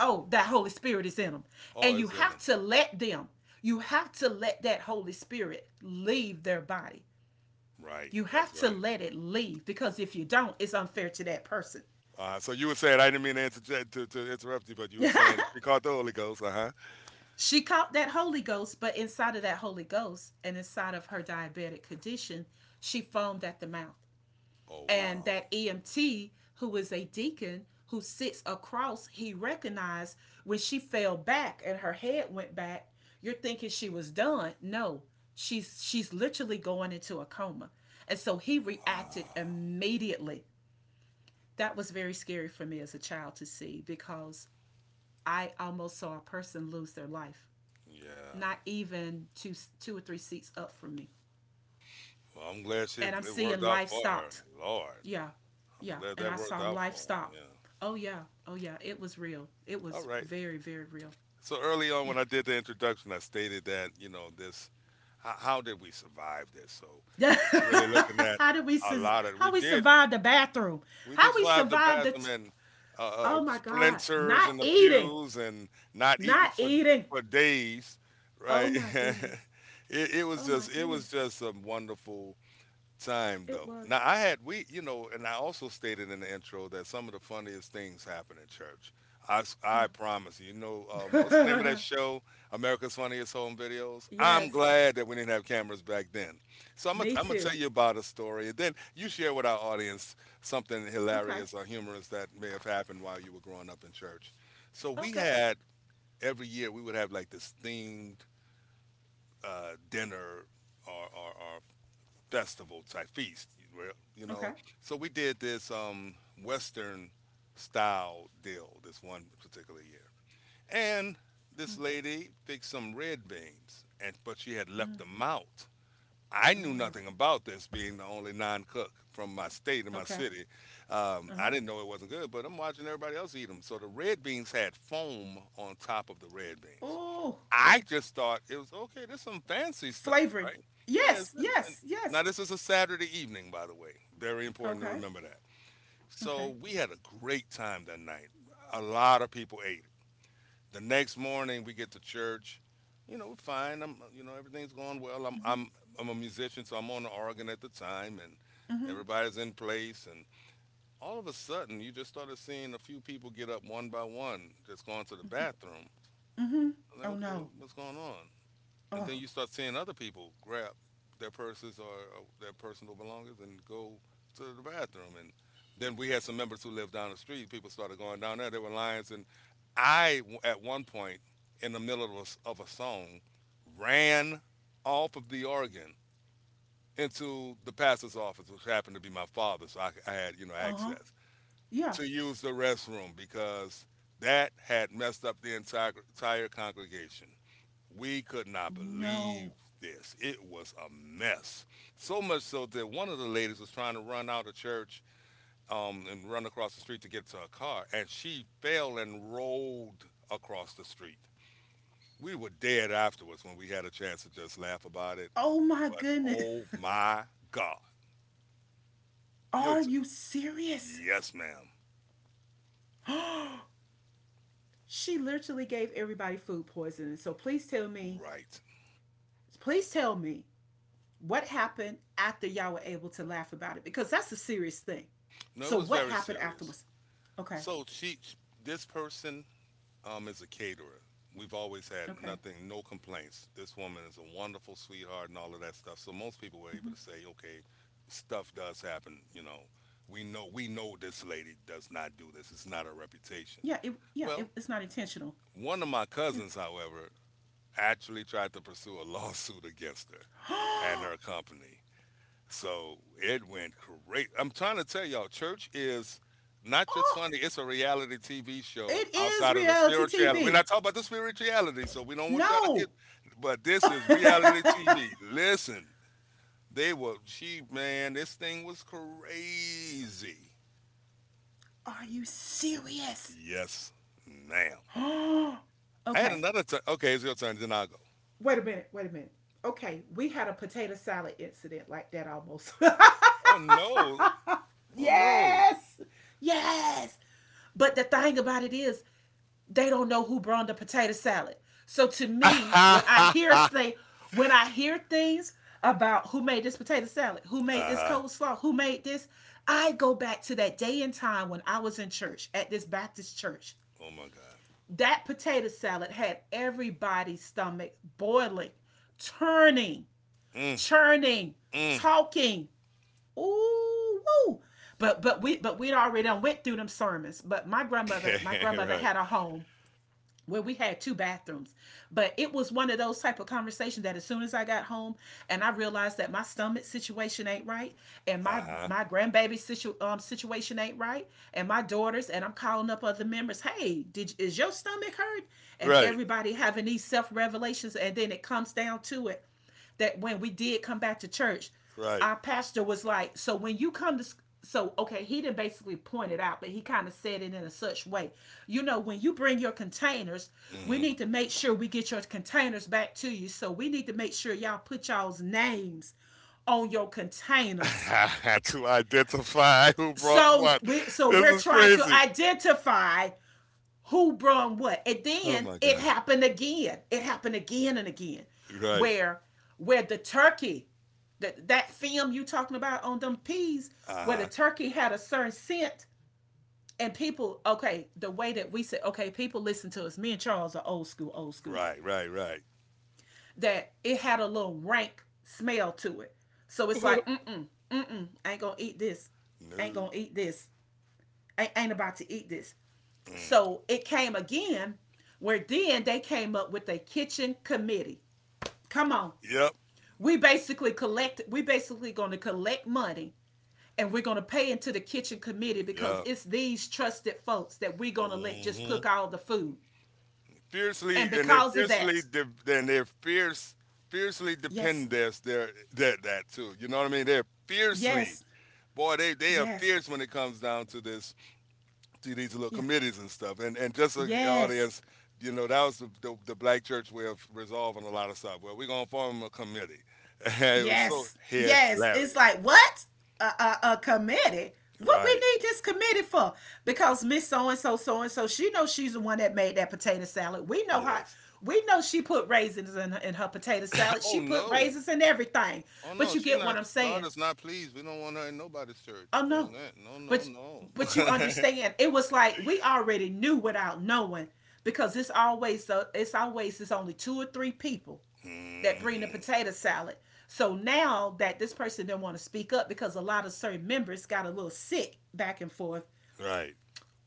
Speaker 2: oh, that Holy Spirit is in them.
Speaker 1: Oh,
Speaker 2: And you
Speaker 1: it's in
Speaker 2: have
Speaker 1: them.
Speaker 2: to let them. You have to let that Holy Spirit leave their body.
Speaker 1: Right,
Speaker 2: You
Speaker 1: that's
Speaker 2: have to
Speaker 1: right.
Speaker 2: let it leave because if you don't, it's unfair to that person.
Speaker 1: So you were saying, I didn't mean to interrupt you, but you were saying that she caught the Holy Ghost, uh huh.
Speaker 2: She caught that Holy Ghost, but inside of that Holy Ghost and inside of her diabetic condition, she foamed at the mouth.
Speaker 1: Oh,
Speaker 2: And
Speaker 1: wow.
Speaker 2: that EMT, who is a deacon who sits across, he recognized when she fell back and her head went back, you're thinking she was done. No, she's literally going into a coma. And so he reacted
Speaker 1: Wow.
Speaker 2: immediately. That was very scary for me as a child to see because I almost saw a person lose their life
Speaker 1: Yeah.
Speaker 2: not even two or three seats up from me,
Speaker 1: Well, I'm glad
Speaker 2: and I'm
Speaker 1: it worked
Speaker 2: seeing
Speaker 1: out
Speaker 2: life
Speaker 1: for her.
Speaker 2: stopped.
Speaker 1: Lord.
Speaker 2: Yeah.
Speaker 1: I'm
Speaker 2: Yeah,
Speaker 1: glad
Speaker 2: and
Speaker 1: that
Speaker 2: I
Speaker 1: worked
Speaker 2: saw
Speaker 1: out
Speaker 2: life
Speaker 1: for her.
Speaker 2: stop.
Speaker 1: Yeah.
Speaker 2: Oh, yeah. Oh, yeah, it was real, it
Speaker 1: All
Speaker 2: was
Speaker 1: right.
Speaker 2: very, very real.
Speaker 1: So early on
Speaker 2: Yeah.
Speaker 1: when I did the introduction, I stated that, you know, this, how did we survive this? So
Speaker 2: Yeah.
Speaker 1: we're really looking at a lot of, we
Speaker 2: How we
Speaker 1: did.
Speaker 2: survived the bathroom,
Speaker 1: We
Speaker 2: how
Speaker 1: just
Speaker 2: we
Speaker 1: vibed the
Speaker 2: survived the
Speaker 1: bathroom
Speaker 2: t-
Speaker 1: and
Speaker 2: oh my god,
Speaker 1: splinters
Speaker 2: not
Speaker 1: in the
Speaker 2: eating,
Speaker 1: pews and not eating
Speaker 2: not
Speaker 1: for
Speaker 2: eating.
Speaker 1: days,
Speaker 2: Oh
Speaker 1: right?
Speaker 2: my
Speaker 1: it,
Speaker 2: goodness.
Speaker 1: it was
Speaker 2: Oh my
Speaker 1: just it was
Speaker 2: goodness.
Speaker 1: just a wonderful time
Speaker 2: It
Speaker 1: though.
Speaker 2: was.
Speaker 1: Now I had, we you know, and I also stated in the intro that some of the funniest things happen in church. I, s-
Speaker 2: Yeah.
Speaker 1: I promise you. You know what's the name of that show? America's Funniest Home Videos. I'm
Speaker 2: Yes.
Speaker 1: glad that we didn't have cameras back then. So I'm gonna
Speaker 2: Me
Speaker 1: I'm gonna
Speaker 2: too.
Speaker 1: tell you about a story, and then you share with our audience something
Speaker 2: Okay.
Speaker 1: hilarious or humorous that may have happened while you were growing up in church. So we
Speaker 2: Okay.
Speaker 1: had every year we would have like this themed dinner or festival type feast, where- you know.
Speaker 2: Okay.
Speaker 1: So we did this Western style deal this one particular year, and this lady fixed some red beans, and but she had left them out. I knew
Speaker 2: Oh,
Speaker 1: nothing about this, being the only non-cook from my state and my
Speaker 2: okay.
Speaker 1: city.
Speaker 2: Uh
Speaker 1: I
Speaker 2: huh.
Speaker 1: didn't know it wasn't good, but I'm watching everybody else eat them. So the red beans had foam on top of the red beans.
Speaker 2: Oh,
Speaker 1: I just thought it was okay. There's some fancy stuff,
Speaker 2: flavoring.
Speaker 1: right? Yeah.
Speaker 2: Yes,
Speaker 1: It's- and-
Speaker 2: yes,
Speaker 1: now
Speaker 2: yes.
Speaker 1: this is a Saturday evening, by the way. Very important to
Speaker 2: Okay,
Speaker 1: remember that. So
Speaker 2: okay.
Speaker 1: we had a great time that night. A lot of people ate it. The next morning we get to church. You know, we're fine. I'm, you know, everything's going well. I'm a musician, so I'm on the organ at the time, and
Speaker 2: Mm hmm.
Speaker 1: everybody's in place. And all of a sudden, you just started seeing a few people get up one by one, just going to the bathroom.
Speaker 2: Mm hmm.
Speaker 1: I'm like,
Speaker 2: Oh
Speaker 1: okay,
Speaker 2: no.
Speaker 1: what's going on? And
Speaker 2: Oh,
Speaker 1: then you start seeing other people grab their purses or their personal belongings and go to the bathroom. And then we had some members who lived down the street. People started going down there. There were lines, and at one point, in the middle of of a song, ran off of the organ into the pastor's office, which happened to be my father, so I had you know
Speaker 2: uh huh.
Speaker 1: access
Speaker 2: Yeah.
Speaker 1: to use the restroom because that had messed up the entire congregation. We could not believe
Speaker 2: No.
Speaker 1: this. It was a mess. So much so that one of the ladies was trying to run out of church and run across the street to get to her car, and she fell and rolled across the street. We were dead afterwards when we had a chance to just laugh about it.
Speaker 2: Oh my
Speaker 1: But
Speaker 2: goodness.
Speaker 1: oh my God. You
Speaker 2: Are
Speaker 1: t-
Speaker 2: you serious?
Speaker 1: yes, ma'am.
Speaker 2: Oh, she literally gave everybody food poisoning. So
Speaker 1: Right.
Speaker 2: please tell me what happened after y'all were able to laugh about it, because that's a serious thing.
Speaker 1: No, it
Speaker 2: So
Speaker 1: was
Speaker 2: what
Speaker 1: very
Speaker 2: happened
Speaker 1: serious.
Speaker 2: afterwards? Okay.
Speaker 1: So this person is a caterer. We've always had
Speaker 2: Okay.
Speaker 1: nothing, no complaints. This woman is a wonderful sweetheart and all of that stuff. So most people were able to say, okay, stuff does happen. You know, we know this lady does not do this. It's not her reputation.
Speaker 2: Yeah,
Speaker 1: Well,
Speaker 2: it's not intentional.
Speaker 1: one of my
Speaker 2: Yeah.
Speaker 1: cousins, however, actually tried to pursue a lawsuit against her and
Speaker 2: Oh,
Speaker 1: her company. So it went great. I'm trying to tell y'all, church is not just funny, it's a reality TV show
Speaker 2: it is
Speaker 1: outside of the
Speaker 2: reality
Speaker 1: spirituality. We're
Speaker 2: TV.
Speaker 1: not talking about the spirituality, so we don't want y'all to get,
Speaker 2: No.
Speaker 1: but this is
Speaker 2: Are
Speaker 1: reality TV. Listen, they were, she, man, this thing was crazy.
Speaker 2: you serious?
Speaker 1: Yes, ma'am. I had
Speaker 2: Okay. Wait
Speaker 1: another time. Okay, it's your turn, then I'll go.
Speaker 2: a minute. Wait a minute. Okay, we had a potato salad incident like that almost.
Speaker 1: Oh, no. Oh, no.
Speaker 2: Yes. Yes. But the thing about it is, they don't know who brought the potato salad. So to me,
Speaker 1: uh huh.
Speaker 2: when I hear things about who made this potato salad, who made this coleslaw, who made this, I go back to that day and time when I was in church at this Baptist church.
Speaker 1: Oh, my God.
Speaker 2: That potato salad had everybody's stomach boiling, turning,
Speaker 1: Mm,
Speaker 2: churning,
Speaker 1: mm.
Speaker 2: talking. Ooh, woo. But we'd already done went through them sermons. But my grandmother
Speaker 1: right.
Speaker 2: had a home where we had two bathrooms, but it was one of those type of conversations that as soon as I got home and I realized that my stomach situation ain't right, and my
Speaker 1: Uh-huh.
Speaker 2: my situation ain't right, and my daughters, and I'm calling up other members, hey, did, is your stomach hurt, and
Speaker 1: Right,
Speaker 2: everybody having these self revelations, and then it comes down to it that when we did come back to church,
Speaker 1: right.
Speaker 2: our pastor was like, so when you come to, so okay, he didn't basically point it out, but he kind of said it in a such way. You know, when you bring your containers, we
Speaker 1: Mhm.
Speaker 2: need to make sure we get your containers back to you. So we need to make sure y'all put y'all's names on your containers.
Speaker 1: to identify who brought what.
Speaker 2: So
Speaker 1: This
Speaker 2: we're
Speaker 1: is
Speaker 2: trying to
Speaker 1: crazy.
Speaker 2: identify who brung what, and
Speaker 1: Oh
Speaker 2: then
Speaker 1: my
Speaker 2: it
Speaker 1: god.
Speaker 2: happened again, it happened again and again,
Speaker 1: Right.
Speaker 2: where the turkey, that that film you talking about on them peas, where the
Speaker 1: Uh-huh.
Speaker 2: turkey had a certain scent, and people, okay, the way that we said, okay, people, listen to us, me and Charles are old school, old school,
Speaker 1: Right, right, right.
Speaker 2: that it had a little rank smell to it, so it's like mm-mm, mm-mm, I ain't gonna eat this, ain't
Speaker 1: no.
Speaker 2: gonna eat this, ain't about to eat this.
Speaker 1: Mm.
Speaker 2: So it came again, where then they came up with a kitchen committee. Come on.
Speaker 1: Yep.
Speaker 2: We basically gonna collect money, and we're gonna pay into the kitchen committee, because
Speaker 1: Yep.
Speaker 2: it's these trusted folks that we're gonna let just
Speaker 1: Hmm.
Speaker 2: cook all the food.
Speaker 1: Fiercely
Speaker 2: And
Speaker 1: and they're
Speaker 2: because of
Speaker 1: fiercely
Speaker 2: that,
Speaker 1: de- and they're fierce fiercely
Speaker 2: yes,
Speaker 1: depend there's their that that too. You know what I mean? They're fiercely
Speaker 2: yes,
Speaker 1: boy they they are
Speaker 2: yes,
Speaker 1: fierce when it comes down to this to these little
Speaker 2: yeah,
Speaker 1: committees and stuff. And just so the
Speaker 2: yes.
Speaker 1: audience, you know, that was the black church way of resolving a lot of stuff. Well, we're gonna form a committee. it was so
Speaker 2: Yes, yes. It's
Speaker 1: hilarious.
Speaker 2: like what a a committee. What we
Speaker 1: Right.
Speaker 2: need this committee for? Because Miss so and so, she knows she's the one that made that potato salad. We know how.
Speaker 1: Yes.
Speaker 2: We know she put raisins in her potato salad.
Speaker 1: Oh
Speaker 2: She put
Speaker 1: no.
Speaker 2: raisins in everything.
Speaker 1: Oh
Speaker 2: But
Speaker 1: no,
Speaker 2: you
Speaker 1: she
Speaker 2: get what
Speaker 1: not,
Speaker 2: I'm
Speaker 1: God
Speaker 2: saying?
Speaker 1: is not pleased. We don't want her in nobody's church
Speaker 2: Oh no.
Speaker 1: doing that. No, no,
Speaker 2: But
Speaker 1: no.
Speaker 2: you understand? It was like we already knew without knowing, because it's always it's always, it's only two or three people that bring the
Speaker 1: Hmm.
Speaker 2: potato salad. So now that this person didn't want to speak up, because a lot of certain members got a little sick back and forth.
Speaker 1: Right.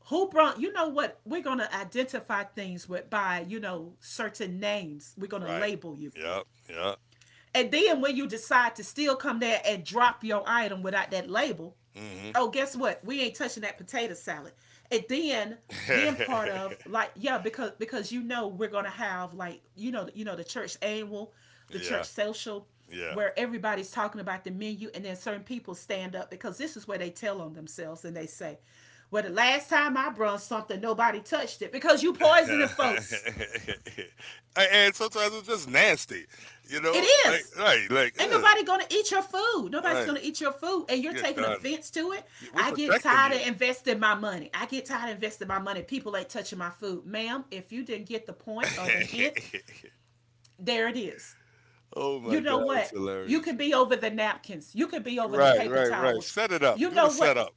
Speaker 2: Who brought, you know what? We're gonna identify things with by, You know, certain names. We're gonna
Speaker 1: Right.
Speaker 2: label you.
Speaker 1: Yep. Yep.
Speaker 2: And then when you decide to still come there and drop your item without that label,
Speaker 1: Hmm.
Speaker 2: oh, guess what? We ain't touching that potato salad. And then part of like, yeah, because you know we're gonna have, like, you know, you know, the church annual, the church
Speaker 1: yeah.
Speaker 2: social,
Speaker 1: Yeah.
Speaker 2: where everybody's talking about the menu, and then certain people stand up because this is where they tell on themselves, and they say, well, the last time I brung something, nobody touched it, because you poisoning folks.
Speaker 1: And sometimes it's just nasty, you
Speaker 2: It
Speaker 1: know, like
Speaker 2: is.
Speaker 1: right, like
Speaker 2: Ain't
Speaker 1: ugh,
Speaker 2: nobody gonna eat your food. Nobody's
Speaker 1: right,
Speaker 2: gonna eat your food, and you're
Speaker 1: you're
Speaker 2: taking
Speaker 1: done.
Speaker 2: offense to it.
Speaker 1: We're
Speaker 2: I get
Speaker 1: protecting
Speaker 2: tired of
Speaker 1: you.
Speaker 2: investing my money. I get tired of investing my money. People ain't touching my food, ma'am. If you didn't get the point or the hint, there it is.
Speaker 1: oh my
Speaker 2: You know
Speaker 1: god, it's
Speaker 2: what? You
Speaker 1: hilarious.
Speaker 2: can be over the napkins. You can be over the
Speaker 1: Right,
Speaker 2: paper
Speaker 1: right, right.
Speaker 2: towels.
Speaker 1: Set it up.
Speaker 2: You
Speaker 1: Do the
Speaker 2: know what?
Speaker 1: setup.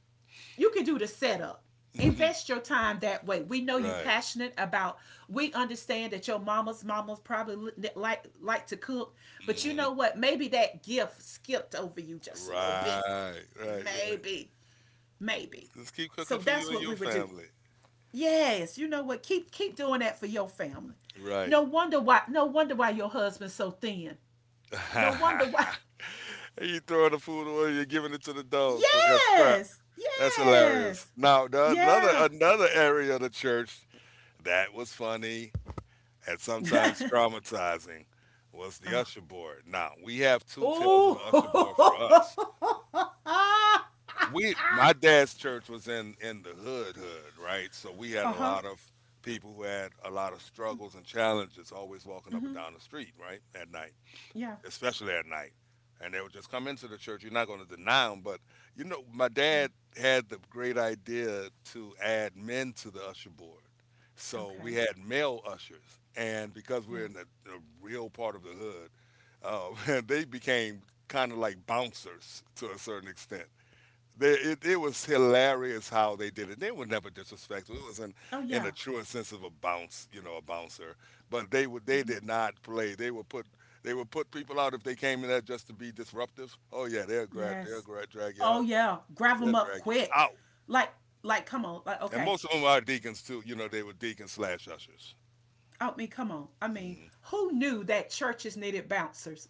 Speaker 2: You can do the setup,
Speaker 1: Mhm.
Speaker 2: invest your time, that way we know you
Speaker 1: Right.
Speaker 2: passionate about. We understand that your mama's mamas probably like to cook, but you
Speaker 1: Hmm.
Speaker 2: know what, maybe that gift skipped over you just a little bit.
Speaker 1: Right, right, right.
Speaker 2: Maybe. Maybe.
Speaker 1: Just keep
Speaker 2: So
Speaker 1: cooking for
Speaker 2: that's
Speaker 1: you and
Speaker 2: what we
Speaker 1: your
Speaker 2: would do.
Speaker 1: family.
Speaker 2: Yes, you know what, keep doing that for your family.
Speaker 1: Right.
Speaker 2: No wonder why, no wonder why your husband's so thin. No wonder
Speaker 1: and
Speaker 2: why.
Speaker 1: you throwing the food away. You're giving it to the dog for that scrap.
Speaker 2: Yes,
Speaker 1: That's
Speaker 2: yes,
Speaker 1: hilarious.
Speaker 2: yes.
Speaker 1: Now, the, another
Speaker 2: Yeah.
Speaker 1: another area of the church that was funny and sometimes traumatizing was the
Speaker 2: Oh.
Speaker 1: usher board. Now, we have two tales of
Speaker 2: Oh.
Speaker 1: usher board for us. We my dad's church was in the hood hood, right? So we had
Speaker 2: Uh
Speaker 1: a
Speaker 2: huh.
Speaker 1: lot of people who had a lot of struggles and challenges always walking up
Speaker 2: Mm-hmm.
Speaker 1: and down the street, right? At night,
Speaker 2: Yeah.
Speaker 1: especially at night. And they would just come into the church. You're not going to deny them, but you know, my dad had the great idea to add men to the usher board. So we
Speaker 2: Okay.
Speaker 1: had male ushers, and because we're
Speaker 2: Yeah.
Speaker 1: in the real part of the hood, they became kind of like bouncers to a certain extent. It was hilarious how they did it. They were never disrespectful. It was
Speaker 2: Oh
Speaker 1: in the
Speaker 2: yeah.
Speaker 1: truest sense of a bounce, you know, a bouncer. But they did not play. They would put people out if they came in there just to be disruptive. Oh yeah,
Speaker 2: Yes.
Speaker 1: drag you
Speaker 2: Oh
Speaker 1: out.
Speaker 2: yeah. Grab
Speaker 1: They'll
Speaker 2: them up
Speaker 1: drag you
Speaker 2: quick.
Speaker 1: out.
Speaker 2: Like like come on. Like,
Speaker 1: And
Speaker 2: okay.
Speaker 1: most of them are deacons too. You know, they were deacons slash ushers.
Speaker 2: I mean, come on. I mean,
Speaker 1: Hmm.
Speaker 2: who knew that churches needed bouncers?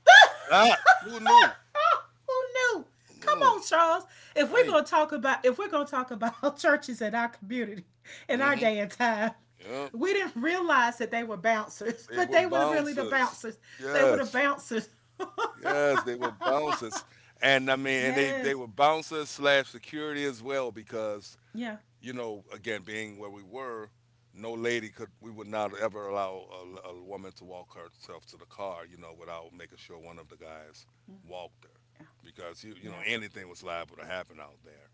Speaker 1: Ah, who knew?
Speaker 2: Who knew?
Speaker 1: Who
Speaker 2: Come
Speaker 1: knew?
Speaker 2: on, Charles. If we're
Speaker 1: Right.
Speaker 2: gonna talk about If we're gonna talk about churches in our community, in our
Speaker 1: Mm-hmm.
Speaker 2: day and time,
Speaker 1: Yep.
Speaker 2: we didn't realize that they were bouncers,
Speaker 1: They
Speaker 2: but
Speaker 1: were
Speaker 2: they were really the
Speaker 1: bouncers.
Speaker 2: bouncers. They were the
Speaker 1: Yes.
Speaker 2: bouncers.
Speaker 1: Yes, they were bouncers, and I mean, and they
Speaker 2: Yes.
Speaker 1: were bouncers slash security as well because
Speaker 2: Yeah.
Speaker 1: you know, again, being where we were, no lady could we would not ever allow a woman to walk herself to the car, you know, without making sure one of the guys
Speaker 2: Mm.
Speaker 1: walked her
Speaker 2: Yeah.
Speaker 1: because you know
Speaker 2: Yeah.
Speaker 1: anything was liable to happen out there.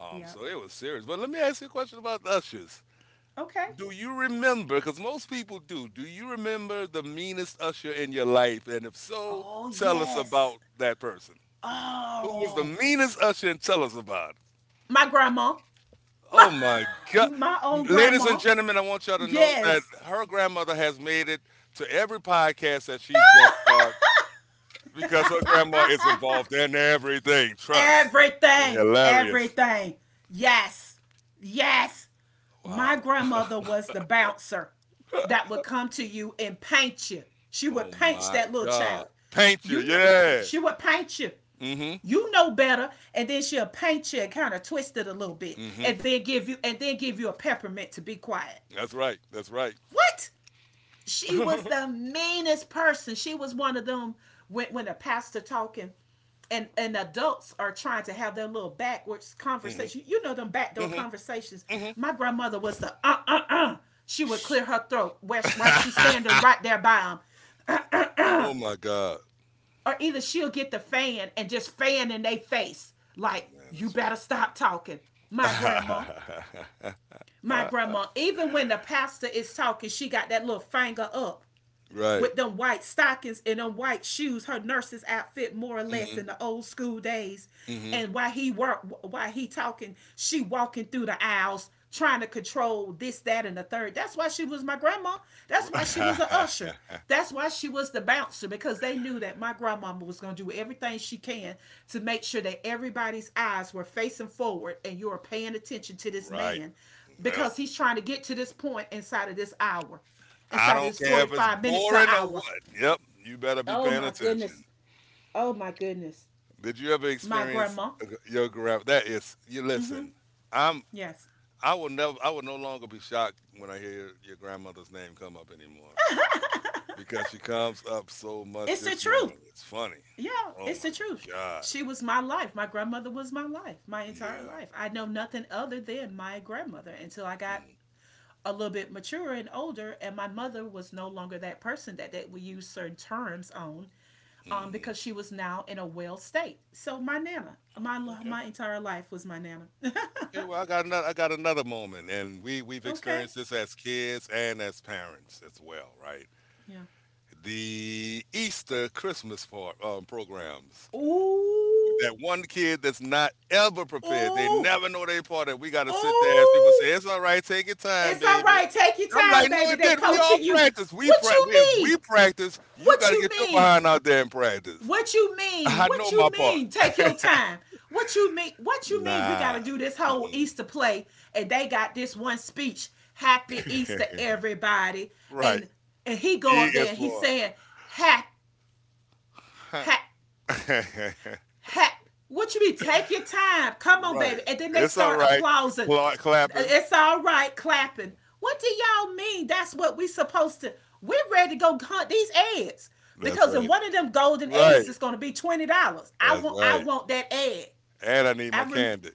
Speaker 2: Yeah.
Speaker 1: So it was serious. But let me ask you a question about ushers.
Speaker 2: Okay.
Speaker 1: Do you remember? Because most people do. Do you remember the meanest usher in your life? And if so,
Speaker 2: Oh
Speaker 1: tell us
Speaker 2: yes.
Speaker 1: about that person. Who was the
Speaker 2: Oh,
Speaker 1: meanest usher and tell us about it?
Speaker 2: my grandma.
Speaker 1: Oh
Speaker 2: My
Speaker 1: my God.
Speaker 2: own
Speaker 1: Ladies and
Speaker 2: grandma.
Speaker 1: gentlemen, I want y'all to know that
Speaker 2: Yes.
Speaker 1: her grandmother has made it to every podcast that she's guest starred, because her grandma is involved in everything. Trust.
Speaker 2: Everything.
Speaker 1: Hilarious.
Speaker 2: Everything. Yes. Yes.
Speaker 1: Wow.
Speaker 2: My grandmother was the bouncer that would come to you and paint you. She
Speaker 1: Oh
Speaker 2: would paint
Speaker 1: my
Speaker 2: that little
Speaker 1: God.
Speaker 2: child.
Speaker 1: Paint you.
Speaker 2: You know,
Speaker 1: Yeah.
Speaker 2: she would paint you.
Speaker 1: Mm
Speaker 2: You know better, and then she'll paint you and kind of twist it a little
Speaker 1: hmm.
Speaker 2: bit,
Speaker 1: Mm hmm.
Speaker 2: and then give you a peppermint to be quiet.
Speaker 1: That's right. That's right.
Speaker 2: What? She was
Speaker 1: Hmm.
Speaker 2: the meanest person. She was one of them when a pastor talking, and adults are trying to have their little backwards conversation. You know them backdoor
Speaker 1: Hmm.
Speaker 2: conversations.
Speaker 1: Hmm.
Speaker 2: My grandmother was the. She would clear her throat while she's standing right there by them,
Speaker 1: oh my God,
Speaker 2: or either she'll get the fan and just fan in their face, like
Speaker 1: man,
Speaker 2: you
Speaker 1: that's
Speaker 2: better
Speaker 1: funny.
Speaker 2: stop talking. My grandma, my grandma. Even when the pastor is talking, she got that little finger up,
Speaker 1: right.
Speaker 2: with them white stockings and them white shoes, her nurse's outfit more or less,
Speaker 1: Hmm.
Speaker 2: in the old school days.
Speaker 1: Hmm.
Speaker 2: And while he talking, she walking through the aisles trying to control this, that, and the third. That's why she was my grandma. That's why she was a usher. That's why she was the bouncer, because they knew that my grandmama was going to do everything she can to make sure that everybody's eyes were facing forward and you're paying attention to this
Speaker 1: right.
Speaker 2: man,
Speaker 1: Well,
Speaker 2: because he's trying to get to this point inside of this hour,
Speaker 1: I
Speaker 2: inside
Speaker 1: don't
Speaker 2: this
Speaker 1: care if it's
Speaker 2: 45 minutes to an
Speaker 1: boring or
Speaker 2: hour.
Speaker 1: what. Yep, you better be
Speaker 2: Oh
Speaker 1: paying
Speaker 2: my
Speaker 1: attention.
Speaker 2: goodness. Oh my goodness.
Speaker 1: Did you ever
Speaker 2: My
Speaker 1: experience
Speaker 2: grandma.
Speaker 1: a g- your grandma? That is, you
Speaker 2: Mm-hmm.
Speaker 1: listen. I'm.
Speaker 2: Yes.
Speaker 1: I will never. I will no longer be shocked when I hear your grandmother's name come up anymore, because she comes up so much.
Speaker 2: It's the
Speaker 1: This
Speaker 2: truth.
Speaker 1: woman is funny.
Speaker 2: Yeah,
Speaker 1: Oh
Speaker 2: it's
Speaker 1: my
Speaker 2: the truth.
Speaker 1: god.
Speaker 2: She was my life. My grandmother was my life, my entire
Speaker 1: Yeah.
Speaker 2: life. I know nothing other than my grandmother until I got
Speaker 1: Mm,
Speaker 2: a little bit mature and older, and my mother was no longer that person that we use certain terms on,
Speaker 1: mhm.
Speaker 2: because she was now in a well state. So my nana, my
Speaker 1: Okay.
Speaker 2: my entire life was my nana.
Speaker 1: Okay. Well, I got another. I got another moment, and we've
Speaker 2: Okay.
Speaker 1: experienced this as kids and as parents as well, right?
Speaker 2: Yeah.
Speaker 1: The Easter Christmas part programs. With
Speaker 2: Ooh,
Speaker 1: that one kid that's not ever prepared. They
Speaker 2: ooh,
Speaker 1: never know they part. And we got to sit there as people say,
Speaker 2: ooh.
Speaker 1: "It's all right. Take your time,
Speaker 2: It's all
Speaker 1: baby."
Speaker 2: right. Take your
Speaker 1: I'm like,
Speaker 2: time,
Speaker 1: no,
Speaker 2: baby.
Speaker 1: it
Speaker 2: They
Speaker 1: did. We all
Speaker 2: coaching you.
Speaker 1: practice. We
Speaker 2: What
Speaker 1: pra-
Speaker 2: you
Speaker 1: we if we
Speaker 2: mean?
Speaker 1: practice, you
Speaker 2: What
Speaker 1: got to
Speaker 2: you
Speaker 1: get your
Speaker 2: mean?
Speaker 1: behind out there and practice.
Speaker 2: What you mean?
Speaker 1: I know
Speaker 2: What
Speaker 1: my
Speaker 2: you
Speaker 1: part.
Speaker 2: mean? Take your time. What you mean? What you mean? We got to
Speaker 1: Nah.
Speaker 2: do this whole
Speaker 1: Mm-mm.
Speaker 2: Easter play, and they got this one speech. Happy Easter, everybody.
Speaker 1: right.
Speaker 2: And and he go
Speaker 1: E
Speaker 2: up there
Speaker 1: is
Speaker 2: and he's
Speaker 1: for.
Speaker 2: saying, "Ha, ha." Heck, what you mean? Take your time. Come on,
Speaker 1: right.
Speaker 2: baby. And then they
Speaker 1: It's all
Speaker 2: start
Speaker 1: right.
Speaker 2: applauding.
Speaker 1: Clapping.
Speaker 2: It's all right, clapping.
Speaker 1: Mm-mm.
Speaker 2: What do y'all mean? That's what we supposed to. We're ready to go hunt these eggs
Speaker 1: That's
Speaker 2: because in
Speaker 1: right.
Speaker 2: one of them golden
Speaker 1: Right.
Speaker 2: eggs it's going to be $20.
Speaker 1: That's
Speaker 2: I
Speaker 1: right.
Speaker 2: want that egg.
Speaker 1: And I need my
Speaker 2: I rem,
Speaker 1: candy.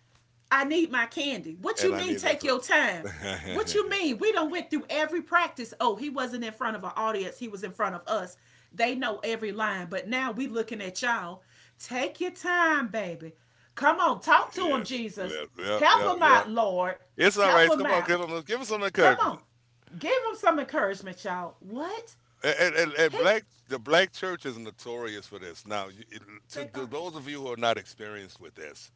Speaker 2: I need my candy. What
Speaker 1: And
Speaker 2: you
Speaker 1: I
Speaker 2: mean
Speaker 1: need that
Speaker 2: take your
Speaker 1: toilet.
Speaker 2: time? What
Speaker 1: yes.
Speaker 2: you mean? We don't went through every practice. Oh, he wasn't in front of an audience. He was in front of us. They know every line, but now we looking at y'all. Take your time, baby. Come on, talk to him,
Speaker 1: Yep,
Speaker 2: Jesus.
Speaker 1: yep,
Speaker 2: Help
Speaker 1: yep,
Speaker 2: him
Speaker 1: yep.
Speaker 2: out, Lord.
Speaker 1: It's all
Speaker 2: Help
Speaker 1: right.
Speaker 2: him
Speaker 1: Come on, give
Speaker 2: out.
Speaker 1: him, some
Speaker 2: Come on.
Speaker 1: encouragement.
Speaker 2: Give him some encouragement, y'all. What?
Speaker 1: And
Speaker 2: Hey,
Speaker 1: black the black church is notorious for this. Now, to,
Speaker 2: they
Speaker 1: to
Speaker 2: are.
Speaker 1: those of you who are not experienced with this,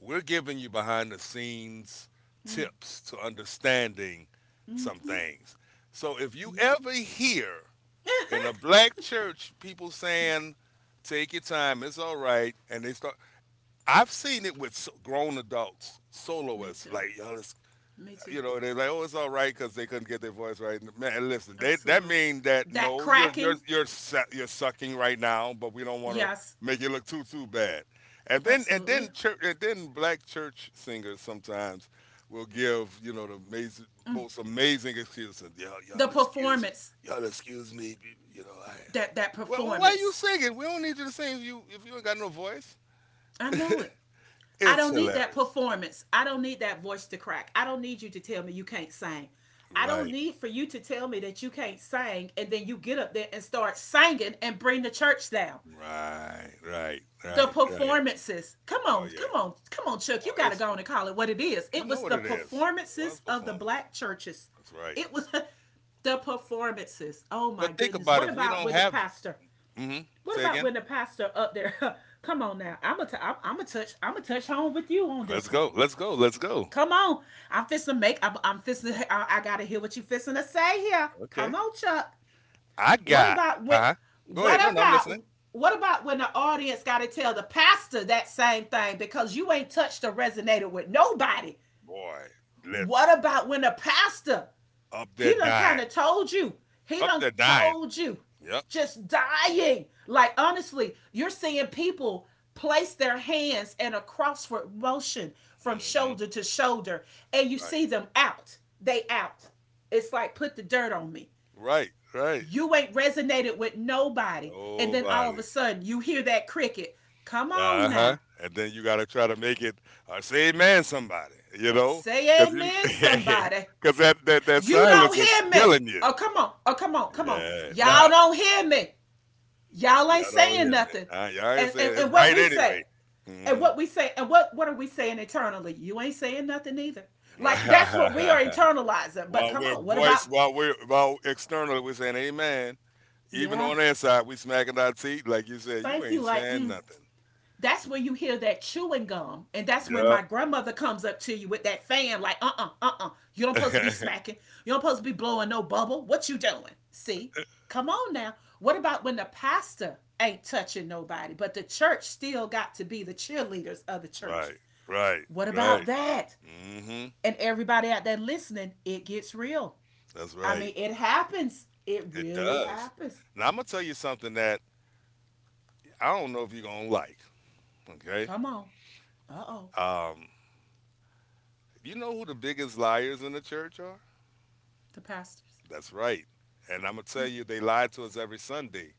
Speaker 1: we're giving you behind the scenes tips to understanding
Speaker 2: Mm,
Speaker 1: some things. So, if you
Speaker 2: yep.
Speaker 1: ever hear
Speaker 2: Yeah,
Speaker 1: in a black church people
Speaker 2: yeah,
Speaker 1: saying, "Take your time, it's all right," and they start, I've seen it with grown adults,
Speaker 2: me
Speaker 1: soloists,
Speaker 2: too.
Speaker 1: like, "Yo, let's
Speaker 2: Me too.
Speaker 1: they're like, "Oh, it's all right," because they couldn't get their voice right. Man, listen, they, that
Speaker 2: Absolutely.
Speaker 1: means that
Speaker 2: That
Speaker 1: no, you're you're
Speaker 2: cracking.
Speaker 1: you're su- you're sucking right now, but we don't want to
Speaker 2: Yes,
Speaker 1: make it look too bad. And then and
Speaker 2: absolutely.
Speaker 1: then church and then black church singers sometimes will give
Speaker 2: Mm.
Speaker 1: most amazing excuses. Y'all, y'all
Speaker 2: The
Speaker 1: excuse,
Speaker 2: performance,
Speaker 1: y'all excuse me, you know. I,
Speaker 2: that
Speaker 1: well, why are you
Speaker 2: performance.
Speaker 1: singing? We don't need you to sing if you ain't got no voice.
Speaker 2: I know it. I
Speaker 1: It's
Speaker 2: don't need that
Speaker 1: hilarious.
Speaker 2: performance. I don't need that voice to crack. I don't need you to tell me you can't sing. I don't
Speaker 1: Right,
Speaker 2: need for you to tell me that you can't sing and then you get up there and start singing and bring the church down.
Speaker 1: right, right,
Speaker 2: The
Speaker 1: right, right.
Speaker 2: performances. Come
Speaker 1: Oh
Speaker 2: on,
Speaker 1: yeah.
Speaker 2: come on, come on, Chuck. You
Speaker 1: Oh,
Speaker 2: got to
Speaker 1: it's
Speaker 2: go on and call it what it is.
Speaker 1: you
Speaker 2: It
Speaker 1: know
Speaker 2: was
Speaker 1: what
Speaker 2: the
Speaker 1: it is. It was
Speaker 2: performances of the
Speaker 1: performance.
Speaker 2: black churches.
Speaker 1: That's right.
Speaker 2: It was the performances. Oh my
Speaker 1: But think
Speaker 2: goodness.
Speaker 1: about it, if we don't have hmm
Speaker 2: What
Speaker 1: say
Speaker 2: about
Speaker 1: again.
Speaker 2: when the pastor up there? Come on now, I'm a t- I'm a touch home with you on
Speaker 1: Let's
Speaker 2: this one.
Speaker 1: go. Let's go. Let's go.
Speaker 2: Come on, I'm fisting make I'm fisting I gotta hear what you fisting to say here. Come
Speaker 1: Okay.
Speaker 2: on, Chuck.
Speaker 1: I
Speaker 2: What
Speaker 1: got.
Speaker 2: about when?
Speaker 1: Uh-huh. Go
Speaker 2: What
Speaker 1: ahead. No, no, I'm
Speaker 2: about
Speaker 1: listening.
Speaker 2: what about when the audience gotta tell the pastor that same thing because you ain't touched or resonated with nobody?
Speaker 1: Boy, listen.
Speaker 2: What about when the pastor
Speaker 1: Up there
Speaker 2: He done kind of
Speaker 1: dying.
Speaker 2: told you. He
Speaker 1: Up
Speaker 2: done
Speaker 1: there dying.
Speaker 2: told you.
Speaker 1: Yep.
Speaker 2: Just dying. Like honestly, you're seeing people place their hands in a crossword motion from
Speaker 1: Hmm.
Speaker 2: shoulder to shoulder, and you
Speaker 1: Right.
Speaker 2: see them out. They out. It's like put the dirt on me.
Speaker 1: Right. Right.
Speaker 2: You ain't resonated with nobody. And then all of a
Speaker 1: Nobody.
Speaker 2: sudden you hear that cricket. Come on
Speaker 1: Uh-huh.
Speaker 2: now.
Speaker 1: And then you gotta try to make it or say man somebody, you know?
Speaker 2: Say
Speaker 1: Cause you
Speaker 2: amen, somebody.
Speaker 1: Cause that
Speaker 2: You don't
Speaker 1: silence is
Speaker 2: hear me.
Speaker 1: killing you.
Speaker 2: Oh, come on. Oh, come on. Come on.
Speaker 1: Yeah. Now,
Speaker 2: Y'all don't hear me. Y'all
Speaker 1: y'all
Speaker 2: ain't
Speaker 1: don't
Speaker 2: saying
Speaker 1: hear me.
Speaker 2: nothing.
Speaker 1: Y'all ain't
Speaker 2: And, and
Speaker 1: saying it's
Speaker 2: and what
Speaker 1: right
Speaker 2: we say,
Speaker 1: anyway. hmm
Speaker 2: and what are we saying internally? You ain't saying nothing either. Like that's what we are internalizing. But
Speaker 1: while
Speaker 2: come
Speaker 1: we're
Speaker 2: on, what about
Speaker 1: voice, while we're while externally we're saying amen. Even
Speaker 2: yeah?
Speaker 1: on the inside, we smacking our teeth like you said. You
Speaker 2: Thank you.
Speaker 1: ain't
Speaker 2: Like
Speaker 1: saying
Speaker 2: mm.
Speaker 1: nothing.
Speaker 2: That's where you hear that chewing gum, and that's when my
Speaker 1: Yup.
Speaker 2: grandmother comes up to you with that fan. Like you don't supposed to be smacking. You don't supposed to be blowing no bubble. What you doing? See, come on now. What about when the pastor ain't touching nobody, but the church still got to be the cheerleaders of the church?
Speaker 1: Right. Right.
Speaker 2: What about
Speaker 1: Right.
Speaker 2: that?
Speaker 1: mm hmm
Speaker 2: And everybody out there listening, it gets real.
Speaker 1: That's
Speaker 2: I
Speaker 1: right.
Speaker 2: mean, it happens. It
Speaker 1: It
Speaker 2: really
Speaker 1: does.
Speaker 2: happens.
Speaker 1: Now I'm gonna tell you something that I don't know if you're gonna like. Okay.
Speaker 2: Come on. Uh oh.
Speaker 1: Um, you know who the biggest liars in the church are?
Speaker 2: The pastors.
Speaker 1: That's right. And I'm going to
Speaker 2: Yeah,
Speaker 1: tell you, they lie to us every Sunday.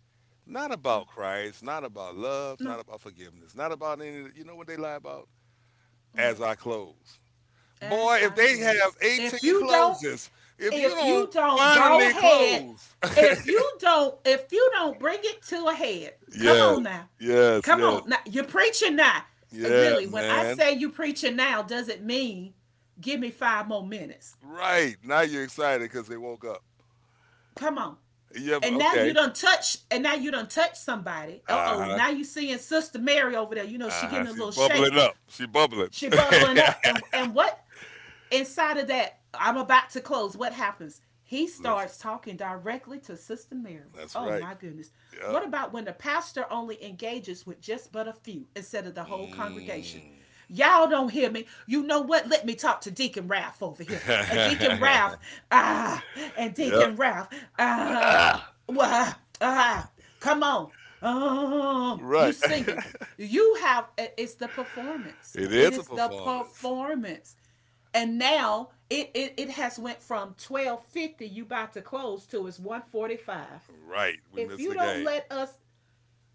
Speaker 1: Not
Speaker 2: yeah.
Speaker 1: about Christ, not about love,
Speaker 2: No.
Speaker 1: not about forgiveness, not about any of. You know what they lie about? As
Speaker 2: What?
Speaker 1: I close.
Speaker 2: As
Speaker 1: Boy, if
Speaker 2: I
Speaker 1: they have
Speaker 2: close.
Speaker 1: 18 closes, if you
Speaker 2: If you
Speaker 1: don't
Speaker 2: don't go
Speaker 1: finally
Speaker 2: ahead,
Speaker 1: close.
Speaker 2: if you don't bring it to a head, come
Speaker 1: Yes,
Speaker 2: on now.
Speaker 1: yes,
Speaker 2: Come
Speaker 1: yes.
Speaker 2: on now. You're preaching now.
Speaker 1: Yeah,
Speaker 2: Really, when I
Speaker 1: man.
Speaker 2: say you preaching now, doesn't mean give me 5 more minutes.
Speaker 1: Right. Now you're excited because they woke up.
Speaker 2: Come on.
Speaker 1: You ever, okay.
Speaker 2: And now you don't touch somebody.
Speaker 1: Uh
Speaker 2: Uh-oh,
Speaker 1: huh.
Speaker 2: now you seeing Sister Mary over there, you know she
Speaker 1: Uh
Speaker 2: getting
Speaker 1: huh.
Speaker 2: a
Speaker 1: She's
Speaker 2: little shape.
Speaker 1: bubbling up. She bubbling.
Speaker 2: She bubbling up, and what, inside of that, I'm about to close. What happens? He
Speaker 1: Listen,
Speaker 2: starts talking directly to Sister Mary.
Speaker 1: that's
Speaker 2: Oh
Speaker 1: right.
Speaker 2: my goodness.
Speaker 1: Yep.
Speaker 2: What about when the pastor only engages with just but a few instead of the whole congregation?
Speaker 1: Mm.
Speaker 2: Y'all don't hear me. You know what? Let me talk to Deacon Ralph over here. And Deacon
Speaker 1: Yeah.
Speaker 2: Ralph, ah, and Deacon Ralph, ah,
Speaker 1: Ah,
Speaker 2: ah, ah, come on. You
Speaker 1: right.
Speaker 2: singing. You have, it's the performance.
Speaker 1: It
Speaker 2: It
Speaker 1: is a
Speaker 2: is the
Speaker 1: performance.
Speaker 2: performance, and now it has went from 12:50 you about to close to it's 1:45
Speaker 1: Right. We
Speaker 2: if
Speaker 1: missed
Speaker 2: you
Speaker 1: the
Speaker 2: don't
Speaker 1: game.
Speaker 2: let us.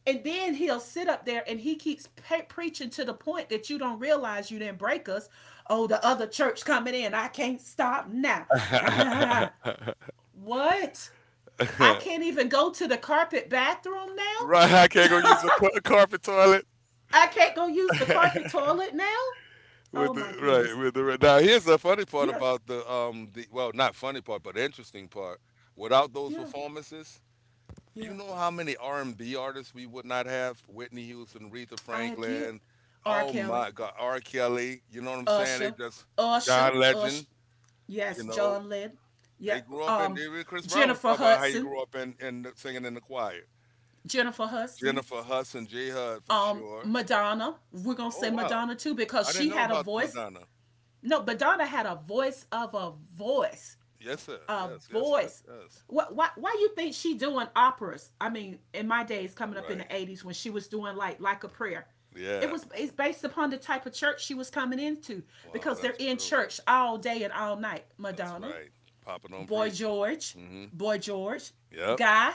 Speaker 2: And then he'll sit up there and he keeps preaching to the point that you don't realize you didn't break us. Oh, the other church coming in. I can't stop now. Ah, what? I can't even go to the carpet bathroom now.
Speaker 1: Right. I can't go use a carpet toilet.
Speaker 2: I can't go use the carpet toilet now. Oh my
Speaker 1: Right.
Speaker 2: goodness.
Speaker 1: With the right. Now here's the funny part
Speaker 2: Yes.
Speaker 1: about the well, not funny part but interesting part. Without those
Speaker 2: Yeah,
Speaker 1: performances, you
Speaker 2: yeah,
Speaker 1: know how many R&B artists we would not have? Whitney Houston, Aretha
Speaker 2: I get
Speaker 1: Franklin.
Speaker 2: R.
Speaker 1: Oh
Speaker 2: Kelly.
Speaker 1: my God, R. Kelly. You know what I'm saying? They
Speaker 2: Usher,
Speaker 1: just
Speaker 2: Usher,
Speaker 1: John
Speaker 2: Usher.
Speaker 1: Legend. You
Speaker 2: Yes,
Speaker 1: know,
Speaker 2: John Lynn. Yeah,
Speaker 1: they grew up in.
Speaker 2: um,
Speaker 1: Even Chris Brown was
Speaker 2: Jennifer
Speaker 1: talking about how he
Speaker 2: Hudson,
Speaker 1: grew up singing in the choir.
Speaker 2: Jennifer Hudson,
Speaker 1: Jennifer Hudson, J. Hud for sure.
Speaker 2: Madonna. We're gonna say
Speaker 1: Oh wow,
Speaker 2: Madonna too because
Speaker 1: I didn't
Speaker 2: she
Speaker 1: know
Speaker 2: had a
Speaker 1: about
Speaker 2: voice.
Speaker 1: Madonna.
Speaker 2: No, Madonna had a voice of a voice,
Speaker 1: Yes, sir.
Speaker 2: a
Speaker 1: Yes, yes, yes,
Speaker 2: voice.
Speaker 1: yes.
Speaker 2: What? Why? Why you think she doing operas? I mean, in my days, coming up in
Speaker 1: Right.
Speaker 2: the 80s, when she was doing like a prayer,
Speaker 1: Yeah.
Speaker 2: it's based upon the type of church she was coming into
Speaker 1: Wow,
Speaker 2: because they're
Speaker 1: that's
Speaker 2: in
Speaker 1: true.
Speaker 2: church all day and all night.
Speaker 1: That's
Speaker 2: Madonna,
Speaker 1: right. Papa don't
Speaker 2: Boy
Speaker 1: preach.
Speaker 2: George,
Speaker 1: Mm-hmm.
Speaker 2: Boy George,
Speaker 1: Yep.
Speaker 2: Guy,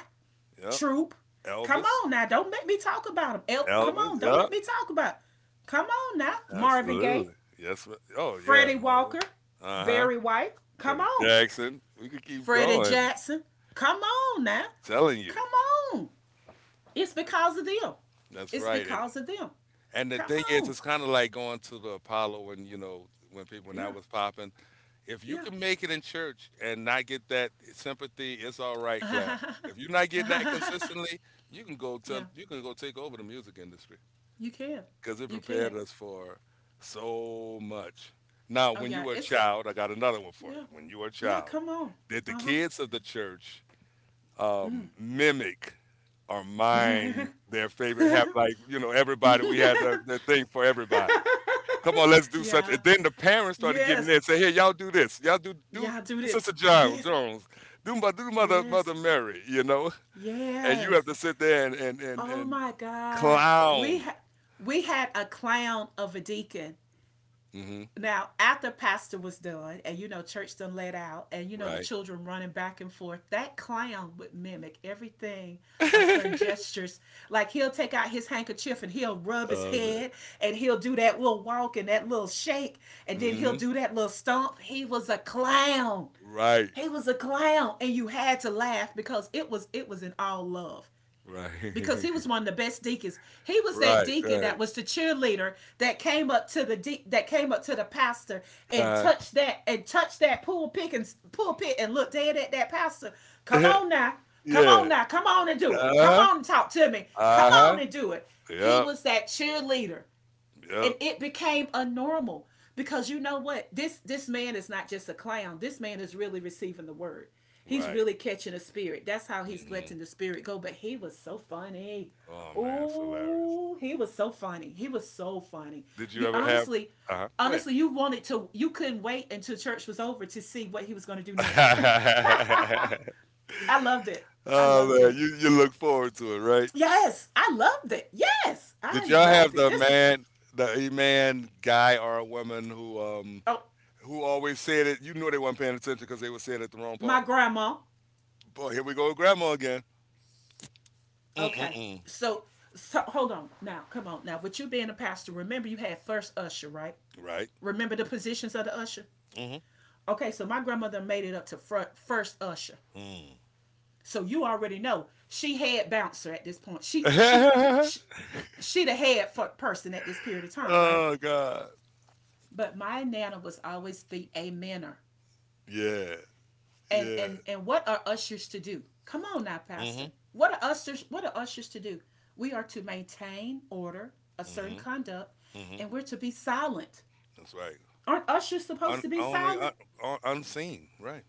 Speaker 1: Yep.
Speaker 2: Troop. Come
Speaker 1: Elvis.
Speaker 2: on now, don't make me talk about him. Come
Speaker 1: Elvis.
Speaker 2: on, don't
Speaker 1: Yep.
Speaker 2: let me talk about him. Come on now, Marvin Gaye,
Speaker 1: Absolutely. Yes. Oh yeah,
Speaker 2: Freddie
Speaker 1: Marvin.
Speaker 2: Walker,
Speaker 1: Uh huh.
Speaker 2: Barry White. Come
Speaker 1: Freddie
Speaker 2: on,
Speaker 1: Jackson. We could keep
Speaker 2: Freddie
Speaker 1: going.
Speaker 2: Jackson. Come on now,
Speaker 1: Telling you.
Speaker 2: come on. It's because of them.
Speaker 1: That's
Speaker 2: It's
Speaker 1: right. And
Speaker 2: because of them.
Speaker 1: And the
Speaker 2: Come
Speaker 1: thing is,
Speaker 2: on,
Speaker 1: it's kind of like going to the Apollo, and when
Speaker 2: yeah,
Speaker 1: that was popping. If you
Speaker 2: yeah,
Speaker 1: can make it in church and not get that sympathy, it's all right. Clap. If you're not getting that consistently, you can go
Speaker 2: yeah.
Speaker 1: take over the music industry
Speaker 2: You can,
Speaker 1: because it
Speaker 2: you can.
Speaker 1: prepared us for so much. Now,
Speaker 2: Oh
Speaker 1: when
Speaker 2: yeah,
Speaker 1: you were a
Speaker 2: it's
Speaker 1: child, I got another one for
Speaker 2: yeah.
Speaker 1: you. When you were a
Speaker 2: Yeah,
Speaker 1: child,
Speaker 2: come on.
Speaker 1: did the
Speaker 2: Uh
Speaker 1: kids of the church mimic or
Speaker 2: huh.
Speaker 1: mime their favorite, have like everybody, we had the thing for everybody. Come on, let's do such.
Speaker 2: Yeah.
Speaker 1: And then the parents started getting in
Speaker 2: Yes.
Speaker 1: and say, "Hey, y'all do this. Y'all do
Speaker 2: Yeah, do this.
Speaker 1: Sister John
Speaker 2: Yes.
Speaker 1: Jones. Do
Speaker 2: Yes.
Speaker 1: Mother Mary. You know." And you have
Speaker 2: Yes.
Speaker 1: to sit there and and and,
Speaker 2: Oh
Speaker 1: and
Speaker 2: my God. We
Speaker 1: clown.
Speaker 2: had we had a clown of a deacon.
Speaker 1: Hmm.
Speaker 2: Now, after pastor was done, and you know, church done let out, and you know, the
Speaker 1: Right.
Speaker 2: children running back and forth, that clown would mimic everything of certain gestures. Like he'll take out his handkerchief and he'll rub his
Speaker 1: Oh man.
Speaker 2: head, and he'll do that little walk and that little shake, and then he'll
Speaker 1: Hmm.
Speaker 2: do that little stomp. He was a clown.
Speaker 1: Right.
Speaker 2: He was a clown, and you had to laugh because it was in all love because he
Speaker 1: Right.
Speaker 2: was one of the best deacons. He was that
Speaker 1: Right.
Speaker 2: deacon
Speaker 1: Right.
Speaker 2: that was the cheerleader that came up to the that came up to the pastor
Speaker 1: Uh
Speaker 2: and touched that pulpit and looked dead at that pastor. Come
Speaker 1: huh.
Speaker 2: on now, come
Speaker 1: Yeah.
Speaker 2: on now, come on and do
Speaker 1: Uh
Speaker 2: it. Come
Speaker 1: huh.
Speaker 2: on and talk to me. Come
Speaker 1: Uh huh.
Speaker 2: on and do it. He
Speaker 1: Yep.
Speaker 2: was that cheerleader and
Speaker 1: Yep.
Speaker 2: it became a normal because you know what, this man is not just a clown, this man is really receiving the word. He's
Speaker 1: Right.
Speaker 2: really catching the spirit. That's how he's
Speaker 1: hmm
Speaker 2: letting the spirit go, but he was so funny.
Speaker 1: Oh man, it's hilarious.
Speaker 2: Oh, he was so funny. He was so funny.
Speaker 1: Did you
Speaker 2: You
Speaker 1: ever have?
Speaker 2: honestly,
Speaker 1: Uh huh. Go
Speaker 2: honestly, you wanted to, you couldn't wait until church was over to see what he was going to do next.
Speaker 1: ahead.
Speaker 2: I loved it. I
Speaker 1: Oh
Speaker 2: loved
Speaker 1: man,
Speaker 2: it.
Speaker 1: you look forward to it, right?
Speaker 2: Yes, I loved it. Yes,
Speaker 1: Did
Speaker 2: I
Speaker 1: y'all have
Speaker 2: loved it.
Speaker 1: the
Speaker 2: This is
Speaker 1: man, the a man, guy or a woman
Speaker 2: oh
Speaker 1: who always said it? You knew they weren't paying attention because they were saying it the wrong
Speaker 2: my
Speaker 1: part.
Speaker 2: grandma.
Speaker 1: Boy, here we go with grandma again. Mm mm
Speaker 2: Okay.
Speaker 1: mm.
Speaker 2: So, so hold on now. Come on now. With you being a pastor, remember you had first usher, right?
Speaker 1: Right.
Speaker 2: Remember the positions of the usher.
Speaker 1: Mm
Speaker 2: Okay. So my grandmother made it up to front first usher.
Speaker 1: mm.
Speaker 2: So you already know she had bouncer at this point.
Speaker 1: Mm.
Speaker 2: She she the head person at this period of time, right?
Speaker 1: Oh God.
Speaker 2: But my nana was always the amener.
Speaker 1: Yeah.
Speaker 2: and
Speaker 1: Yeah.
Speaker 2: and and what are ushers to do? Come on now,
Speaker 1: Mm hmm.
Speaker 2: pastor, what are ushers, what are ushers to do? We are to maintain order, a
Speaker 1: Mm
Speaker 2: certain
Speaker 1: hmm.
Speaker 2: conduct,
Speaker 1: Mm hmm.
Speaker 2: and we're to be silent.
Speaker 1: That's right.
Speaker 2: Aren't ushers supposed
Speaker 1: Un-
Speaker 2: to be
Speaker 1: only un-
Speaker 2: silent?
Speaker 1: un- unseen. Right.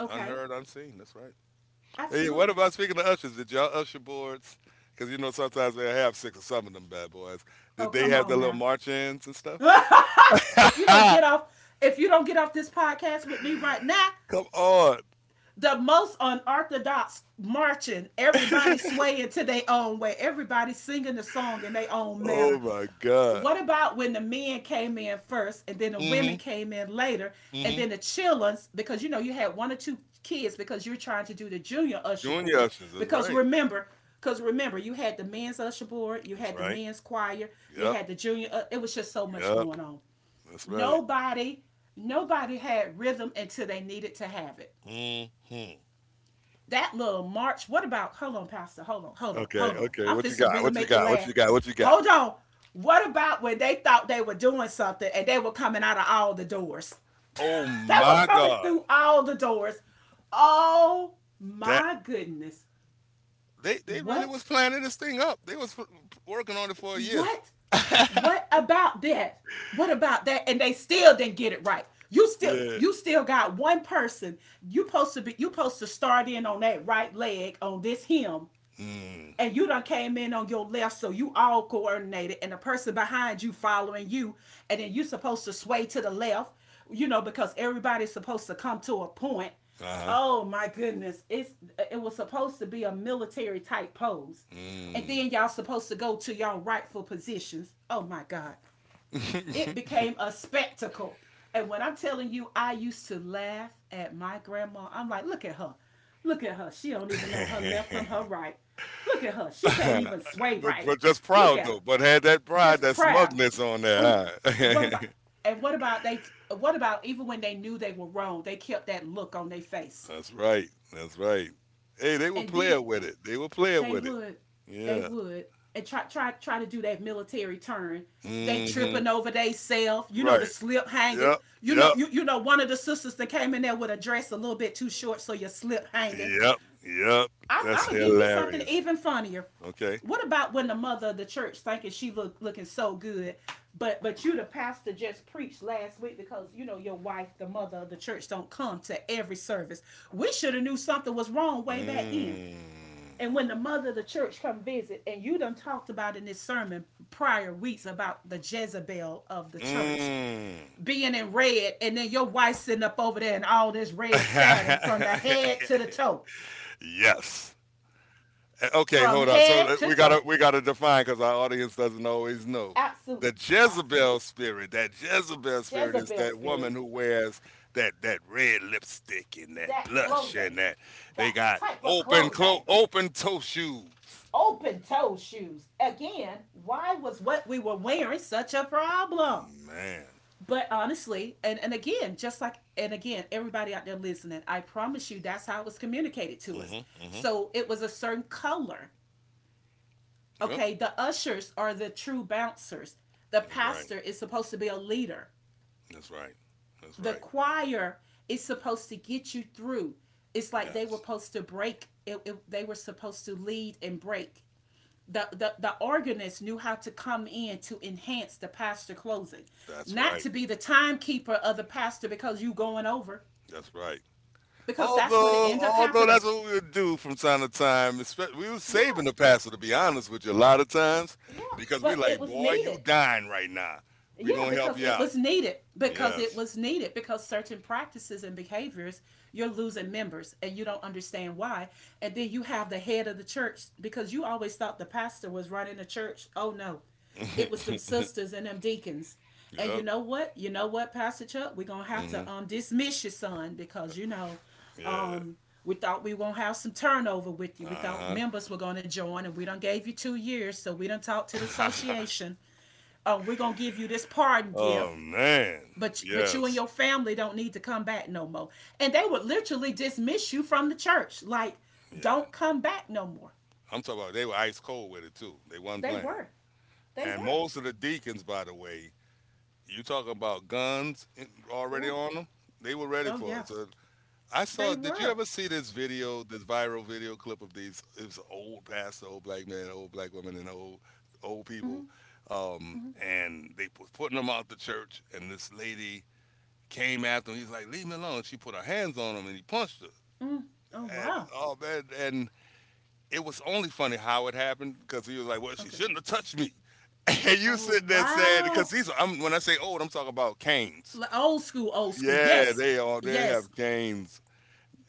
Speaker 2: Okay,
Speaker 1: Unheard, unseen. That's right. Hey, what
Speaker 2: absolutely.
Speaker 1: about speaking of ushers? Did y'all usher boards? Because sometimes they have six, or some of them bad boys.
Speaker 2: Oh,
Speaker 1: Did they
Speaker 2: come
Speaker 1: have the
Speaker 2: on
Speaker 1: little
Speaker 2: now.
Speaker 1: march-ins and stuff?
Speaker 2: if you don't get off if you don't get off this podcast with me right now,
Speaker 1: Come on!
Speaker 2: the most unorthodox marching, everybody swaying to their own way, everybody singing the song in their own
Speaker 1: Oh
Speaker 2: manner.
Speaker 1: my God!
Speaker 2: What about when the men came in first and then the women
Speaker 1: Mm-hmm.
Speaker 2: came in later and
Speaker 1: Mm-hmm.
Speaker 2: then the children's, because you know you had one or two kids because you're trying to do the junior usher
Speaker 1: Junior
Speaker 2: board,
Speaker 1: ushers. That's
Speaker 2: because
Speaker 1: right.
Speaker 2: remember because remember you had the men's usher board, you
Speaker 1: That's
Speaker 2: had the
Speaker 1: right.
Speaker 2: men's choir, you
Speaker 1: Yep.
Speaker 2: had the junior it was just so much
Speaker 1: Yep.
Speaker 2: going on.
Speaker 1: That's right.
Speaker 2: Nobody nobody had rhythm until they needed to have it.
Speaker 1: Mm-hmm.
Speaker 2: That little march. What about? Hold on, Pastor. Hold on. Hold on.
Speaker 1: Okay.
Speaker 2: Hold on.
Speaker 1: Okay.
Speaker 2: I'm
Speaker 1: What you
Speaker 2: just to
Speaker 1: got?
Speaker 2: really
Speaker 1: What you
Speaker 2: make you
Speaker 1: got? What
Speaker 2: laugh.
Speaker 1: you got? What you got?
Speaker 2: Hold on. What about when they thought they were doing something and they were coming out of all the doors?
Speaker 1: Oh
Speaker 2: They were
Speaker 1: my
Speaker 2: coming
Speaker 1: God!
Speaker 2: through all the doors. Oh
Speaker 1: That
Speaker 2: my goodness.
Speaker 1: they really
Speaker 2: What?
Speaker 1: was planning this thing up. They was working on it for a year.
Speaker 2: What? What about that? What about that? And they still didn't get it right. You still
Speaker 1: Yeah.
Speaker 2: you still got one person. You supposed to start in on that right leg on this hymn.
Speaker 1: Mm.
Speaker 2: And you done came in on your left, so you all coordinated, and the person behind you following you, and then you supposed to sway to the left, you know, because everybody's supposed to come to a point.
Speaker 1: Uh huh.
Speaker 2: Oh my goodness, it was supposed to be a military type pose, and
Speaker 1: Mm.
Speaker 2: then y'all supposed to go to y'all rightful positions. Oh my God, it became a spectacle. And when I'm telling you, I used to laugh at my grandma. I'm like, look at her. Look at her. She don't even know her left from her right. Look at her. She can't even sway
Speaker 1: but
Speaker 2: right.
Speaker 1: but just
Speaker 2: Look
Speaker 1: proud
Speaker 2: at her.
Speaker 1: though. But had that pride,
Speaker 2: Just
Speaker 1: that
Speaker 2: proud.
Speaker 1: smugness on
Speaker 2: Oh,
Speaker 1: there.
Speaker 2: what
Speaker 1: Huh?
Speaker 2: about and what about they what about even when they knew they were wrong, they kept that look on their face.
Speaker 1: That's right. That's right. Hey, they were
Speaker 2: And then
Speaker 1: playing with it. They were playing
Speaker 2: they
Speaker 1: with it.
Speaker 2: would. They
Speaker 1: Yeah.
Speaker 2: would. And try to do that military turn. They
Speaker 1: Mm-hmm.
Speaker 2: tripping over they self. You know the
Speaker 1: Right.
Speaker 2: slip hanging.
Speaker 1: Yep.
Speaker 2: You know
Speaker 1: Yep.
Speaker 2: you you know one of the sisters that came in there with a dress a little bit too short, so your slip hanging.
Speaker 1: Yep. Yep.
Speaker 2: I'm
Speaker 1: That's
Speaker 2: gonna give you something
Speaker 1: hilarious.
Speaker 2: even funnier.
Speaker 1: Okay.
Speaker 2: What about when the mother of the church thinking she looking so good, but you the pastor just preached last week because you know your wife the mother of the church don't come to every service. We should have knew something was wrong way back then.
Speaker 1: Mm.
Speaker 2: And when the mother of the church come visit, and you done talked about in this sermon prior weeks about the Jezebel of the church
Speaker 1: Mm.
Speaker 2: being in red, and then your wife sitting up over there and all this red satin from the head to the toe,
Speaker 1: Yes. Okay,
Speaker 2: from
Speaker 1: hold up. So
Speaker 2: head to
Speaker 1: we
Speaker 2: toe.
Speaker 1: gotta we gotta define because our audience doesn't always know.
Speaker 2: Absolute,
Speaker 1: The
Speaker 2: absolute
Speaker 1: Jezebel spirit. That Jezebel spirit is
Speaker 2: Jezebel
Speaker 1: that
Speaker 2: spirit.
Speaker 1: woman who wears that red lipstick and that
Speaker 2: That
Speaker 1: blush, and
Speaker 2: clothing,
Speaker 1: that they
Speaker 2: that
Speaker 1: got
Speaker 2: type of
Speaker 1: open clo
Speaker 2: clothing,
Speaker 1: open toe shoes.
Speaker 2: open toe shoes. Again, why was what we were wearing such a problem?
Speaker 1: Man.
Speaker 2: But honestly, and again, just like, and again, everybody out there listening, I promise you that's how it was communicated to us.
Speaker 1: Mm-hmm. Mm-hmm.
Speaker 2: So it was a certain color.
Speaker 1: Yep.
Speaker 2: Okay. The ushers are the true bouncers. The
Speaker 1: That's right.
Speaker 2: pastor is supposed to be a leader.
Speaker 1: That's right. That's
Speaker 2: The
Speaker 1: right.
Speaker 2: choir is supposed to get you through. It's like they were
Speaker 1: Yes.
Speaker 2: supposed to break, they were supposed to lead and break the organist knew how to come in to enhance the pastor closing,
Speaker 1: That's
Speaker 2: not
Speaker 1: right.
Speaker 2: to be the timekeeper of the pastor because you going over,
Speaker 1: That's right.
Speaker 2: because that's what it
Speaker 1: Although,
Speaker 2: end up
Speaker 1: although
Speaker 2: happening.
Speaker 1: that's what we would do from time to time. We were
Speaker 2: Yeah,
Speaker 1: saving the pastor, to be honest with you, a lot of times
Speaker 2: yeah,
Speaker 1: because we
Speaker 2: but it
Speaker 1: like,
Speaker 2: was
Speaker 1: boy,
Speaker 2: needed.
Speaker 1: you dying right now. We
Speaker 2: Yeah,
Speaker 1: gonna help
Speaker 2: because
Speaker 1: you
Speaker 2: it
Speaker 1: out.
Speaker 2: was needed. Because it
Speaker 1: Yes.
Speaker 2: was needed. Because certain practices and behaviors, you're losing members and you don't understand why. And then you have the head of the church because you always thought the pastor was running the church. Oh, no. It was them sisters and them deacons. And you
Speaker 1: Yep.
Speaker 2: know what? You know what, Pastor Chuck? We're going to have
Speaker 1: Hmm.
Speaker 2: to dismiss your son because, you know,
Speaker 1: Yeah.
Speaker 2: um, we thought we won't have some turnover with you. We thought
Speaker 1: Uh
Speaker 2: members were going to join, and we done gave you 2 years, so we done talked to the
Speaker 1: huh.
Speaker 2: association, oh, we're gonna give you this pardon gift,
Speaker 1: Oh man.
Speaker 2: but you and
Speaker 1: Yes.
Speaker 2: your family don't need to come back no more. And they would literally dismiss you from the church, like,
Speaker 1: Yeah.
Speaker 2: don't come back no more.
Speaker 1: I'm talking about they were ice cold with it too. They wasn't
Speaker 2: They
Speaker 1: playing.
Speaker 2: were, they
Speaker 1: And
Speaker 2: were.
Speaker 1: most of the deacons, by the way, you talking about guns already
Speaker 2: Cool.
Speaker 1: on them. They were ready
Speaker 2: Oh
Speaker 1: for
Speaker 2: yeah,
Speaker 1: it. So I
Speaker 2: they
Speaker 1: saw. Did you
Speaker 2: were.
Speaker 1: ever see this video, this viral video clip of these? It was an old pastor, old black man, old black woman, and old
Speaker 2: Mm-hmm,
Speaker 1: people,
Speaker 2: mm-hmm,
Speaker 1: and they was putting them out the church. And this lady came after him. He's like, "Leave me alone." She put her hands on him, and he punched
Speaker 2: mm. Oh
Speaker 1: her. And
Speaker 2: wow.
Speaker 1: oh man, and it was only funny how it happened because he was like, "Well, she
Speaker 2: Okay.
Speaker 1: shouldn't have touched me." And you
Speaker 2: Oh
Speaker 1: sit there saying,
Speaker 2: wow.
Speaker 1: when I say old, I'm talking about canes.
Speaker 2: Old school, old school.
Speaker 1: Yeah,
Speaker 2: Yes,
Speaker 1: they are. They
Speaker 2: yes.
Speaker 1: have canes,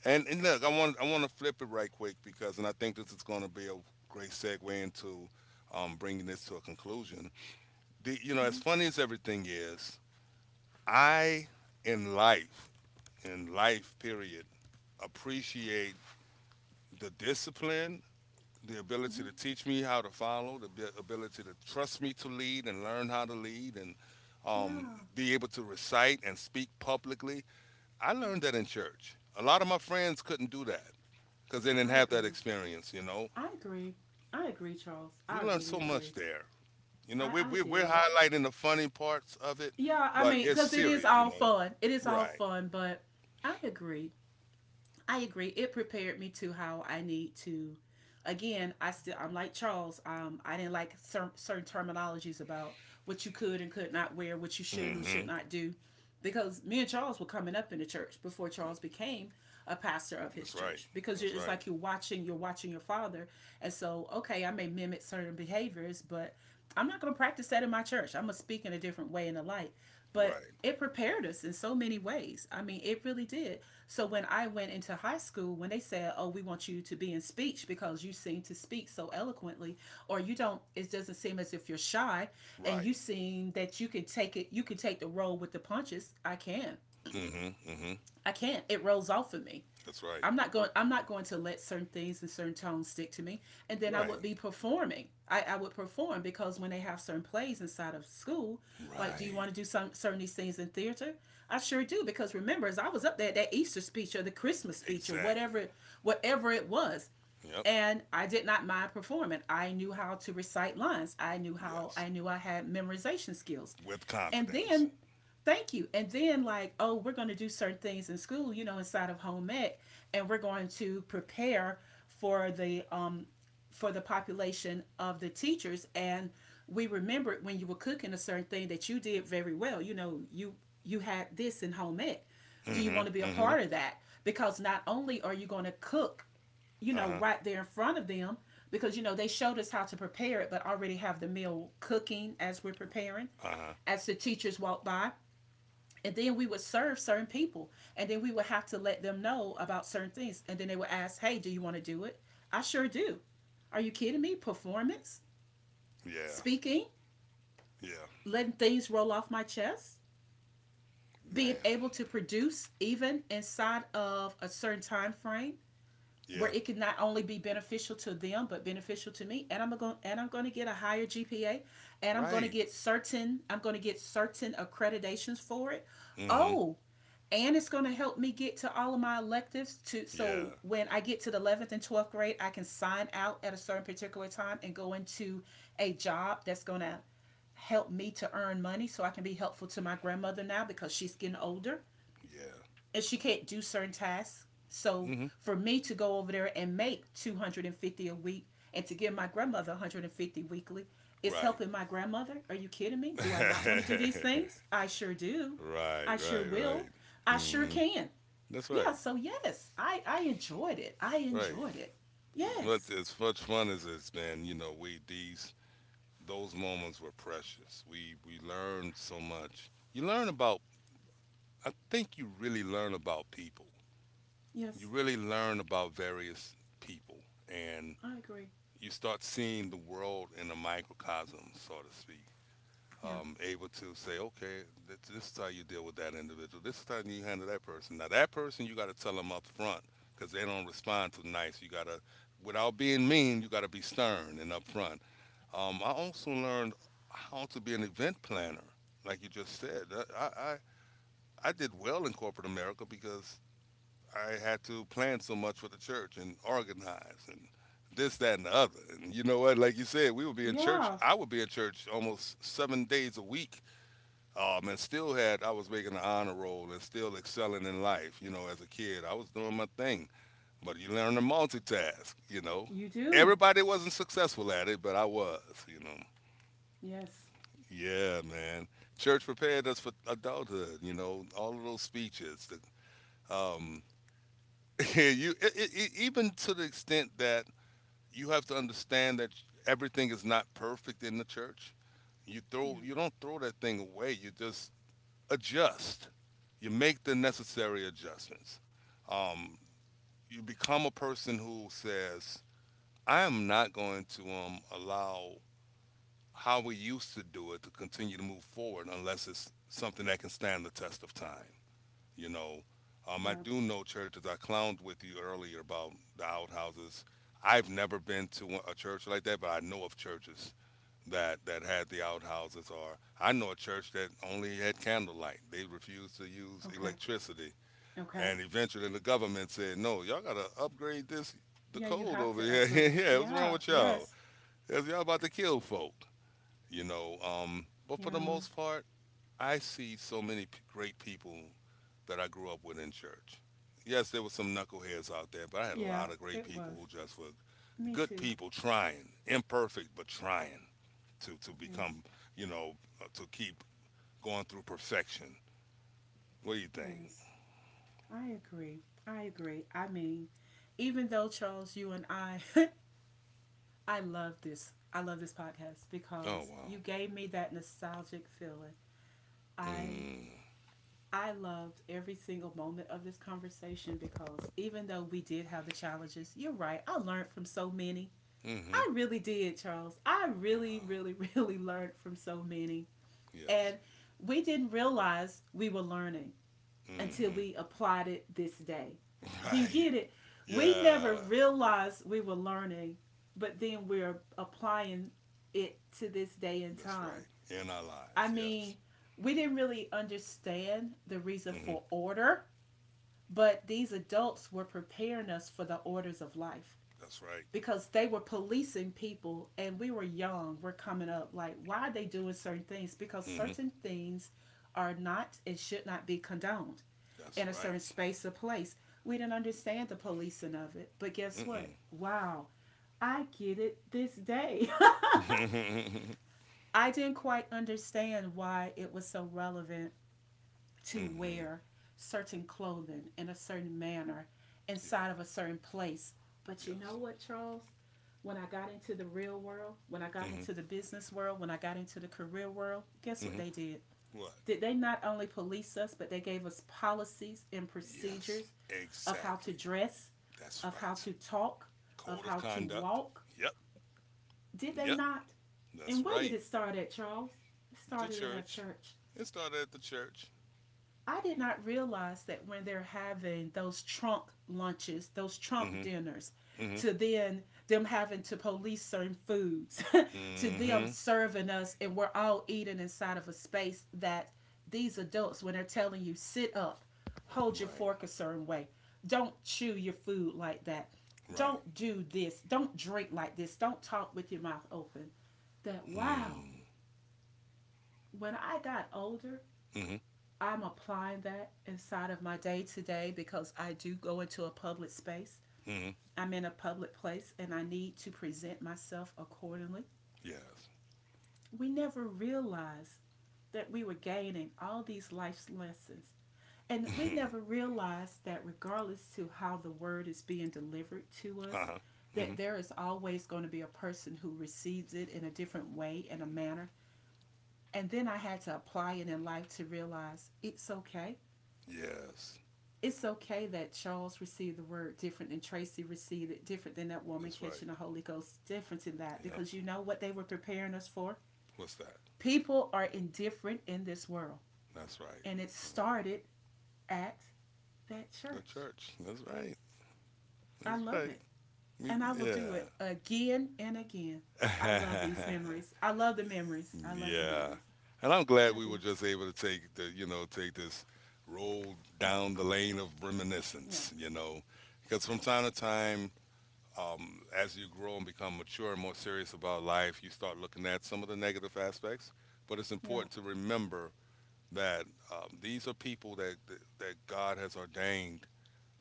Speaker 1: and look, I want to flip it right quick and I think this is going to be a great segue into bringing this to a conclusion. As funny as everything is, I in life, in life period, appreciate the discipline, the ability to teach me how to follow, the ability to trust me to lead and learn how to lead, and
Speaker 2: Yeah,
Speaker 1: be able to recite and speak publicly. I learned that in church. A lot of my friends couldn't do that. Because they didn't
Speaker 2: I
Speaker 1: have that
Speaker 2: agree.
Speaker 1: experience. You know,
Speaker 2: I agree. I agree, Charles.
Speaker 1: we
Speaker 2: I
Speaker 1: learned
Speaker 2: really
Speaker 1: so much
Speaker 2: agree.
Speaker 1: there. You know,
Speaker 2: I
Speaker 1: we're
Speaker 2: I
Speaker 1: we're, we're
Speaker 2: did.
Speaker 1: highlighting the funny parts of it,
Speaker 2: Yeah, I
Speaker 1: but
Speaker 2: mean,
Speaker 1: it's
Speaker 2: because it is
Speaker 1: serious. You
Speaker 2: all
Speaker 1: know,
Speaker 2: fun. It is all
Speaker 1: right?
Speaker 2: fun, but I agree. I agree. It prepared me to how I need to. Again, I'm like Charles. I didn't like certain terminologies about what you could and could not wear, what you should and should
Speaker 1: Mm-hmm.
Speaker 2: not do, because me and Charles were coming up in the church before Charles became a pastor of his
Speaker 1: That's right.
Speaker 2: church. Because you're,
Speaker 1: That's
Speaker 2: it's
Speaker 1: right.
Speaker 2: like you're watching your father, and so okay, I may mimic certain behaviors, but I'm not going to practice that in my church. I'm going to speak in a different way in the light. But
Speaker 1: Right.
Speaker 2: it prepared us in so many ways. I mean, it really did. So when I went into high school, when they said, "Oh, we want you to be in speech because you seem to speak so eloquently, or you don't, it doesn't seem as if you're shy, and you
Speaker 1: Right.
Speaker 2: seem that you can take it, you can take the role with the punches," I can.
Speaker 1: Mm-hmm. Mm-hmm.
Speaker 2: I can't. It rolls off of me.
Speaker 1: That's right.
Speaker 2: I'm not going to let certain things and certain tones stick to me. And then I would
Speaker 1: Right.
Speaker 2: be performing. I would perform because when they have certain plays inside of school, like do you want
Speaker 1: Right.
Speaker 2: to do some certain these things in theater? I sure do because remember as I was up there that Easter speech or the Christmas speech or
Speaker 1: Exactly.
Speaker 2: whatever it was.
Speaker 1: Yep.
Speaker 2: And I did not mind performing. I knew how to recite lines. I
Speaker 1: Yes.
Speaker 2: knew I had memorization skills.
Speaker 1: With
Speaker 2: And
Speaker 1: confidence.
Speaker 2: then, thank you. And then, like, oh, we're going to do certain things in school, you know, inside of home ec, and we're going to prepare for the um for the population of the teachers. And we remembered when you were cooking a certain thing that you did very well. You know, you had this in home ec. Do you want
Speaker 1: Mm-hmm.
Speaker 2: to be a
Speaker 1: Mm-hmm.
Speaker 2: part of that? Because not only are you going to cook, you know,
Speaker 1: Uh-huh.
Speaker 2: right there in front of them, because you know they showed us how to prepare it but already have the meal cooking as we're preparing
Speaker 1: Uh-huh.
Speaker 2: as the teachers walked by. And then we would serve certain people. And then we would have to let them know about certain things. And then they would ask, hey, do you want to do it? I sure do. Are you kidding me? Performance,
Speaker 1: Yeah.
Speaker 2: speaking,
Speaker 1: Yeah.
Speaker 2: letting things roll off my chest, being
Speaker 1: Man.
Speaker 2: able to produce even inside of a certain time frame where
Speaker 1: Yeah.
Speaker 2: it can not only be beneficial to them but beneficial to me, and I'm going to get a higher gpa, and I'm going to
Speaker 1: Right.
Speaker 2: get certain accreditations for it.
Speaker 1: Mm-hmm.
Speaker 2: Oh, and it's going to help me get to all of my electives to so
Speaker 1: Yeah.
Speaker 2: when I get to the 11th and 12th grade I can sign out at a certain particular time and go into a job that's going to help me to earn money so I can be helpful to my grandmother now because she's getting older
Speaker 1: Yeah.
Speaker 2: and she can't do certain tasks. So
Speaker 1: Mm-hmm.
Speaker 2: for me to go over there and make 250 a week and to give my grandmother 150 weekly, it's helping my grandmother. Are you kidding me? Do I
Speaker 1: Right.
Speaker 2: not want to do these things? I sure do.
Speaker 1: Right,
Speaker 2: I sure
Speaker 1: right,
Speaker 2: will.
Speaker 1: right.
Speaker 2: I sure
Speaker 1: Hmm.
Speaker 2: can.
Speaker 1: That's
Speaker 2: Yeah,
Speaker 1: right,
Speaker 2: so yes, I enjoyed it. I
Speaker 1: right.
Speaker 2: enjoyed it.
Speaker 1: As much
Speaker 2: Yes.
Speaker 1: as much fun as it's been, we these those moments were precious. We learned so much. You learn about. I think you really learn about people. You
Speaker 2: Yes.
Speaker 1: really learn about various people, and
Speaker 2: I agree.
Speaker 1: you start seeing the world in a microcosm, so to speak.
Speaker 2: Yeah.
Speaker 1: Able to say, okay, this is how you deal with that individual. This is how you handle that person. Now that person, you got to tell them up front because they don't respond too nice. You got to, without being mean, you got to be stern and up front. I also learned how to be an event planner, like you just said. I, I I did well in corporate America because I had to plan so much for the church and organize and this, that, and the other. And you know what? Like you said, we would be in church.
Speaker 2: Yeah,
Speaker 1: I would be in church almost 7 days a week, and still had I was making the honor roll and still excelling in life. You know, as a kid, I was doing my thing. But you learn to multitask. You know,
Speaker 2: you do.
Speaker 1: everybody wasn't successful at it, but I was. You know,
Speaker 2: Yes.
Speaker 1: yeah, man. Church prepared us for adulthood. You know, all of those speeches. Um, you it, it, it- even to the extent that you have to understand that everything is not perfect in the church.
Speaker 2: Yeah.
Speaker 1: You don't throw that thing away. You just adjust. You make the necessary adjustments. Um, you become a person who says, I am not going to allow how we used to do it to continue to move forward unless it's something that can stand the test of time. You know, I
Speaker 2: Yeah.
Speaker 1: do know churches. I clowned with you earlier about the outhouses. I've never been to a church like that, but I know of churches that had the outhouses, or I know a church that only had candlelight. They refused to use
Speaker 2: Okay.
Speaker 1: electricity.
Speaker 2: Okay.
Speaker 1: And eventually the government said, "No, y'all gotta upgrade this the
Speaker 2: Yeah, you
Speaker 1: code
Speaker 2: have
Speaker 1: over
Speaker 2: to
Speaker 1: here."
Speaker 2: upgrade.
Speaker 1: Yeah, what's wrong
Speaker 2: Yeah.
Speaker 1: with y'all?
Speaker 2: Yes.
Speaker 1: Cause y'all about to kill folk. You know, but for the
Speaker 2: Yeah.
Speaker 1: most part, I see so many great people that I grew up with in church. Yes, there were some knuckleheads out there, but I had a
Speaker 2: Yeah,
Speaker 1: lot of great
Speaker 2: it
Speaker 1: people
Speaker 2: was.
Speaker 1: who just were
Speaker 2: Me
Speaker 1: good
Speaker 2: too.
Speaker 1: people trying, imperfect but trying to
Speaker 2: Yes.
Speaker 1: become, you know, to keep going through perfection. What do you think?
Speaker 2: Yes. I agree. I agree. I mean, even though Charles, you and I, I love this. I love this podcast
Speaker 1: Oh,
Speaker 2: because
Speaker 1: wow.
Speaker 2: you gave me that nostalgic feeling. I
Speaker 1: Mm.
Speaker 2: I loved every single moment of this conversation because even though we did have the challenges, you're right. I learned from so many.
Speaker 1: Mm-hmm.
Speaker 2: I really did, Charles. I really,
Speaker 1: Wow.
Speaker 2: really, really learned from so many. And
Speaker 1: Yes.
Speaker 2: we didn't realize we were learning until
Speaker 1: Mm-hmm.
Speaker 2: we applied it this day. Do you get
Speaker 1: Right.
Speaker 2: it? We never
Speaker 1: Yeah.
Speaker 2: realized we were learning, but then we're applying it to this day and
Speaker 1: That's
Speaker 2: time.
Speaker 1: right. In our
Speaker 2: I
Speaker 1: lives.
Speaker 2: mean,
Speaker 1: Yes.
Speaker 2: we didn't really understand the reason
Speaker 1: Mm-hmm.
Speaker 2: for order, but these adults were preparing us for the orders of life
Speaker 1: That's right.
Speaker 2: because they were policing people and we were young, we're coming up like why are they doing certain things because
Speaker 1: Mm-hmm.
Speaker 2: certain things are not and should not be condoned in a
Speaker 1: That's
Speaker 2: certain
Speaker 1: right.
Speaker 2: space or place. We didn't understand the policing of it but guess what,
Speaker 1: Mm-mm.
Speaker 2: wow, I get it this day. I didn't quite understand why it was so relevant to
Speaker 1: Mm-hmm.
Speaker 2: wear certain clothing in a certain manner
Speaker 1: Yeah.
Speaker 2: inside of a certain place. But you know
Speaker 1: Yes.
Speaker 2: what, Charles? When I got into the real world, when I got
Speaker 1: Mm-hmm.
Speaker 2: into the business world, when I got into the career world, guess what
Speaker 1: Mm-hmm.
Speaker 2: they did?
Speaker 1: What?
Speaker 2: Did they not only police us, but they gave us policies and
Speaker 1: Yes.
Speaker 2: procedures of how to
Speaker 1: Exactly.
Speaker 2: dress,
Speaker 1: That's
Speaker 2: of how
Speaker 1: right.
Speaker 2: to talk, of
Speaker 1: Code
Speaker 2: how
Speaker 1: of
Speaker 2: to
Speaker 1: conduct.
Speaker 2: walk?
Speaker 1: Yep.
Speaker 2: Did they
Speaker 1: Yep.
Speaker 2: not? And
Speaker 1: That's
Speaker 2: where did it
Speaker 1: right.
Speaker 2: start at, Charles? It
Speaker 1: The
Speaker 2: started at our
Speaker 1: church.
Speaker 2: church.
Speaker 1: It started at the church.
Speaker 2: I did not realize that when they're having those trunk lunches, those trunk
Speaker 1: Mm-hmm.
Speaker 2: dinners,
Speaker 1: Mm-hmm.
Speaker 2: to then them having to police certain foods, to them
Speaker 1: Mm-hmm.
Speaker 2: serving us, and we're all eating inside of a space that these adults, when they're telling you, sit up, hold your
Speaker 1: Right.
Speaker 2: fork a certain way, don't chew your food like that,
Speaker 1: Right.
Speaker 2: don't do this, don't drink like this, don't talk with your mouth open, that wow,
Speaker 1: Mm-hmm.
Speaker 2: when I got older,
Speaker 1: Mm-hmm.
Speaker 2: I'm applying that inside of my day to day because I do go into a public space.
Speaker 1: Mm-hmm.
Speaker 2: I'm in a public place and I need to present myself accordingly.
Speaker 1: Yes.
Speaker 2: We never realized that we were gaining all these life's lessons. And we
Speaker 1: Mm-hmm.
Speaker 2: never realized that regardless to how the word is being delivered to us,
Speaker 1: Uh-huh.
Speaker 2: that
Speaker 1: Mm-hmm.
Speaker 2: there is always going to be a person who receives it in a different way and a manner. And then I had to apply it in life to realize it's okay,
Speaker 1: Yes.
Speaker 2: it's okay that Charles received the word different and Tracy received it different than that woman
Speaker 1: That's
Speaker 2: catching
Speaker 1: right.
Speaker 2: the Holy Ghost different in that
Speaker 1: Yep.
Speaker 2: because you know what they were preparing us for?
Speaker 1: What's that?
Speaker 2: People are indifferent in this world.
Speaker 1: That's right.
Speaker 2: And it
Speaker 1: Uh,
Speaker 2: started at that
Speaker 1: The
Speaker 2: church.
Speaker 1: church. That's right.
Speaker 2: I
Speaker 1: That's
Speaker 2: love it.
Speaker 1: right.
Speaker 2: And
Speaker 1: Me,
Speaker 2: I will do it
Speaker 1: yeah.
Speaker 2: again and again. I love these memories. I love the memories. I love the memories.
Speaker 1: Yeah. And I'm
Speaker 2: I
Speaker 1: glad we
Speaker 2: do.
Speaker 1: were just able to take this roll
Speaker 2: Yeah.
Speaker 1: down the lane of
Speaker 2: Yeah.
Speaker 1: reminiscence, you know, because from time to time, as you grow and become mature and more serious about life, you start looking at some of the negative aspects. But it's
Speaker 2: Yeah.
Speaker 1: important to remember that these are people that God has ordained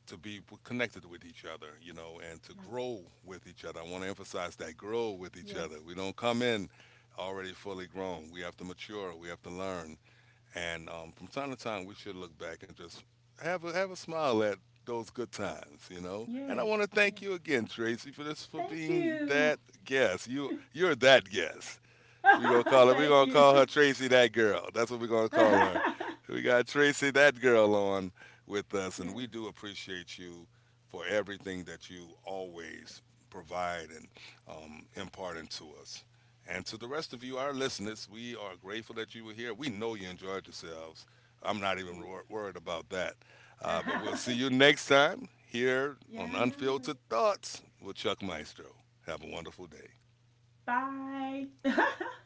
Speaker 1: to be connected with each other, you know, and
Speaker 2: Yeah.
Speaker 1: to grow with each other. I want to emphasize that: grow with each
Speaker 2: Yes.
Speaker 1: other. We don't come in already fully grown. We have to mature. We have to learn. And from time to time, we should look back and just have a smile at those good times, you know. And I
Speaker 2: Yes.
Speaker 1: want to
Speaker 2: Yeah.
Speaker 1: thank you again, Tracy, for this for
Speaker 2: Thank
Speaker 1: being
Speaker 2: you.
Speaker 1: that guest. You're that guest. We
Speaker 2: Thank
Speaker 1: gonna call
Speaker 2: you.
Speaker 1: her Tracy That Girl. That's what we gonna call
Speaker 2: Yes.
Speaker 1: her. We got Tracy That Girl on with us, and we do appreciate you for everything that you always provide and impart into us. And to the rest of you, our listeners, we are grateful that you were here. We know you enjoyed yourselves. I'm not
Speaker 2: Yeah.
Speaker 1: even worried about that. But we'll see you next time here
Speaker 2: Yeah, I
Speaker 1: on
Speaker 2: know it.
Speaker 1: Unfiltered Thoughts with Chuck Maestro. Have a wonderful day.
Speaker 2: Bye.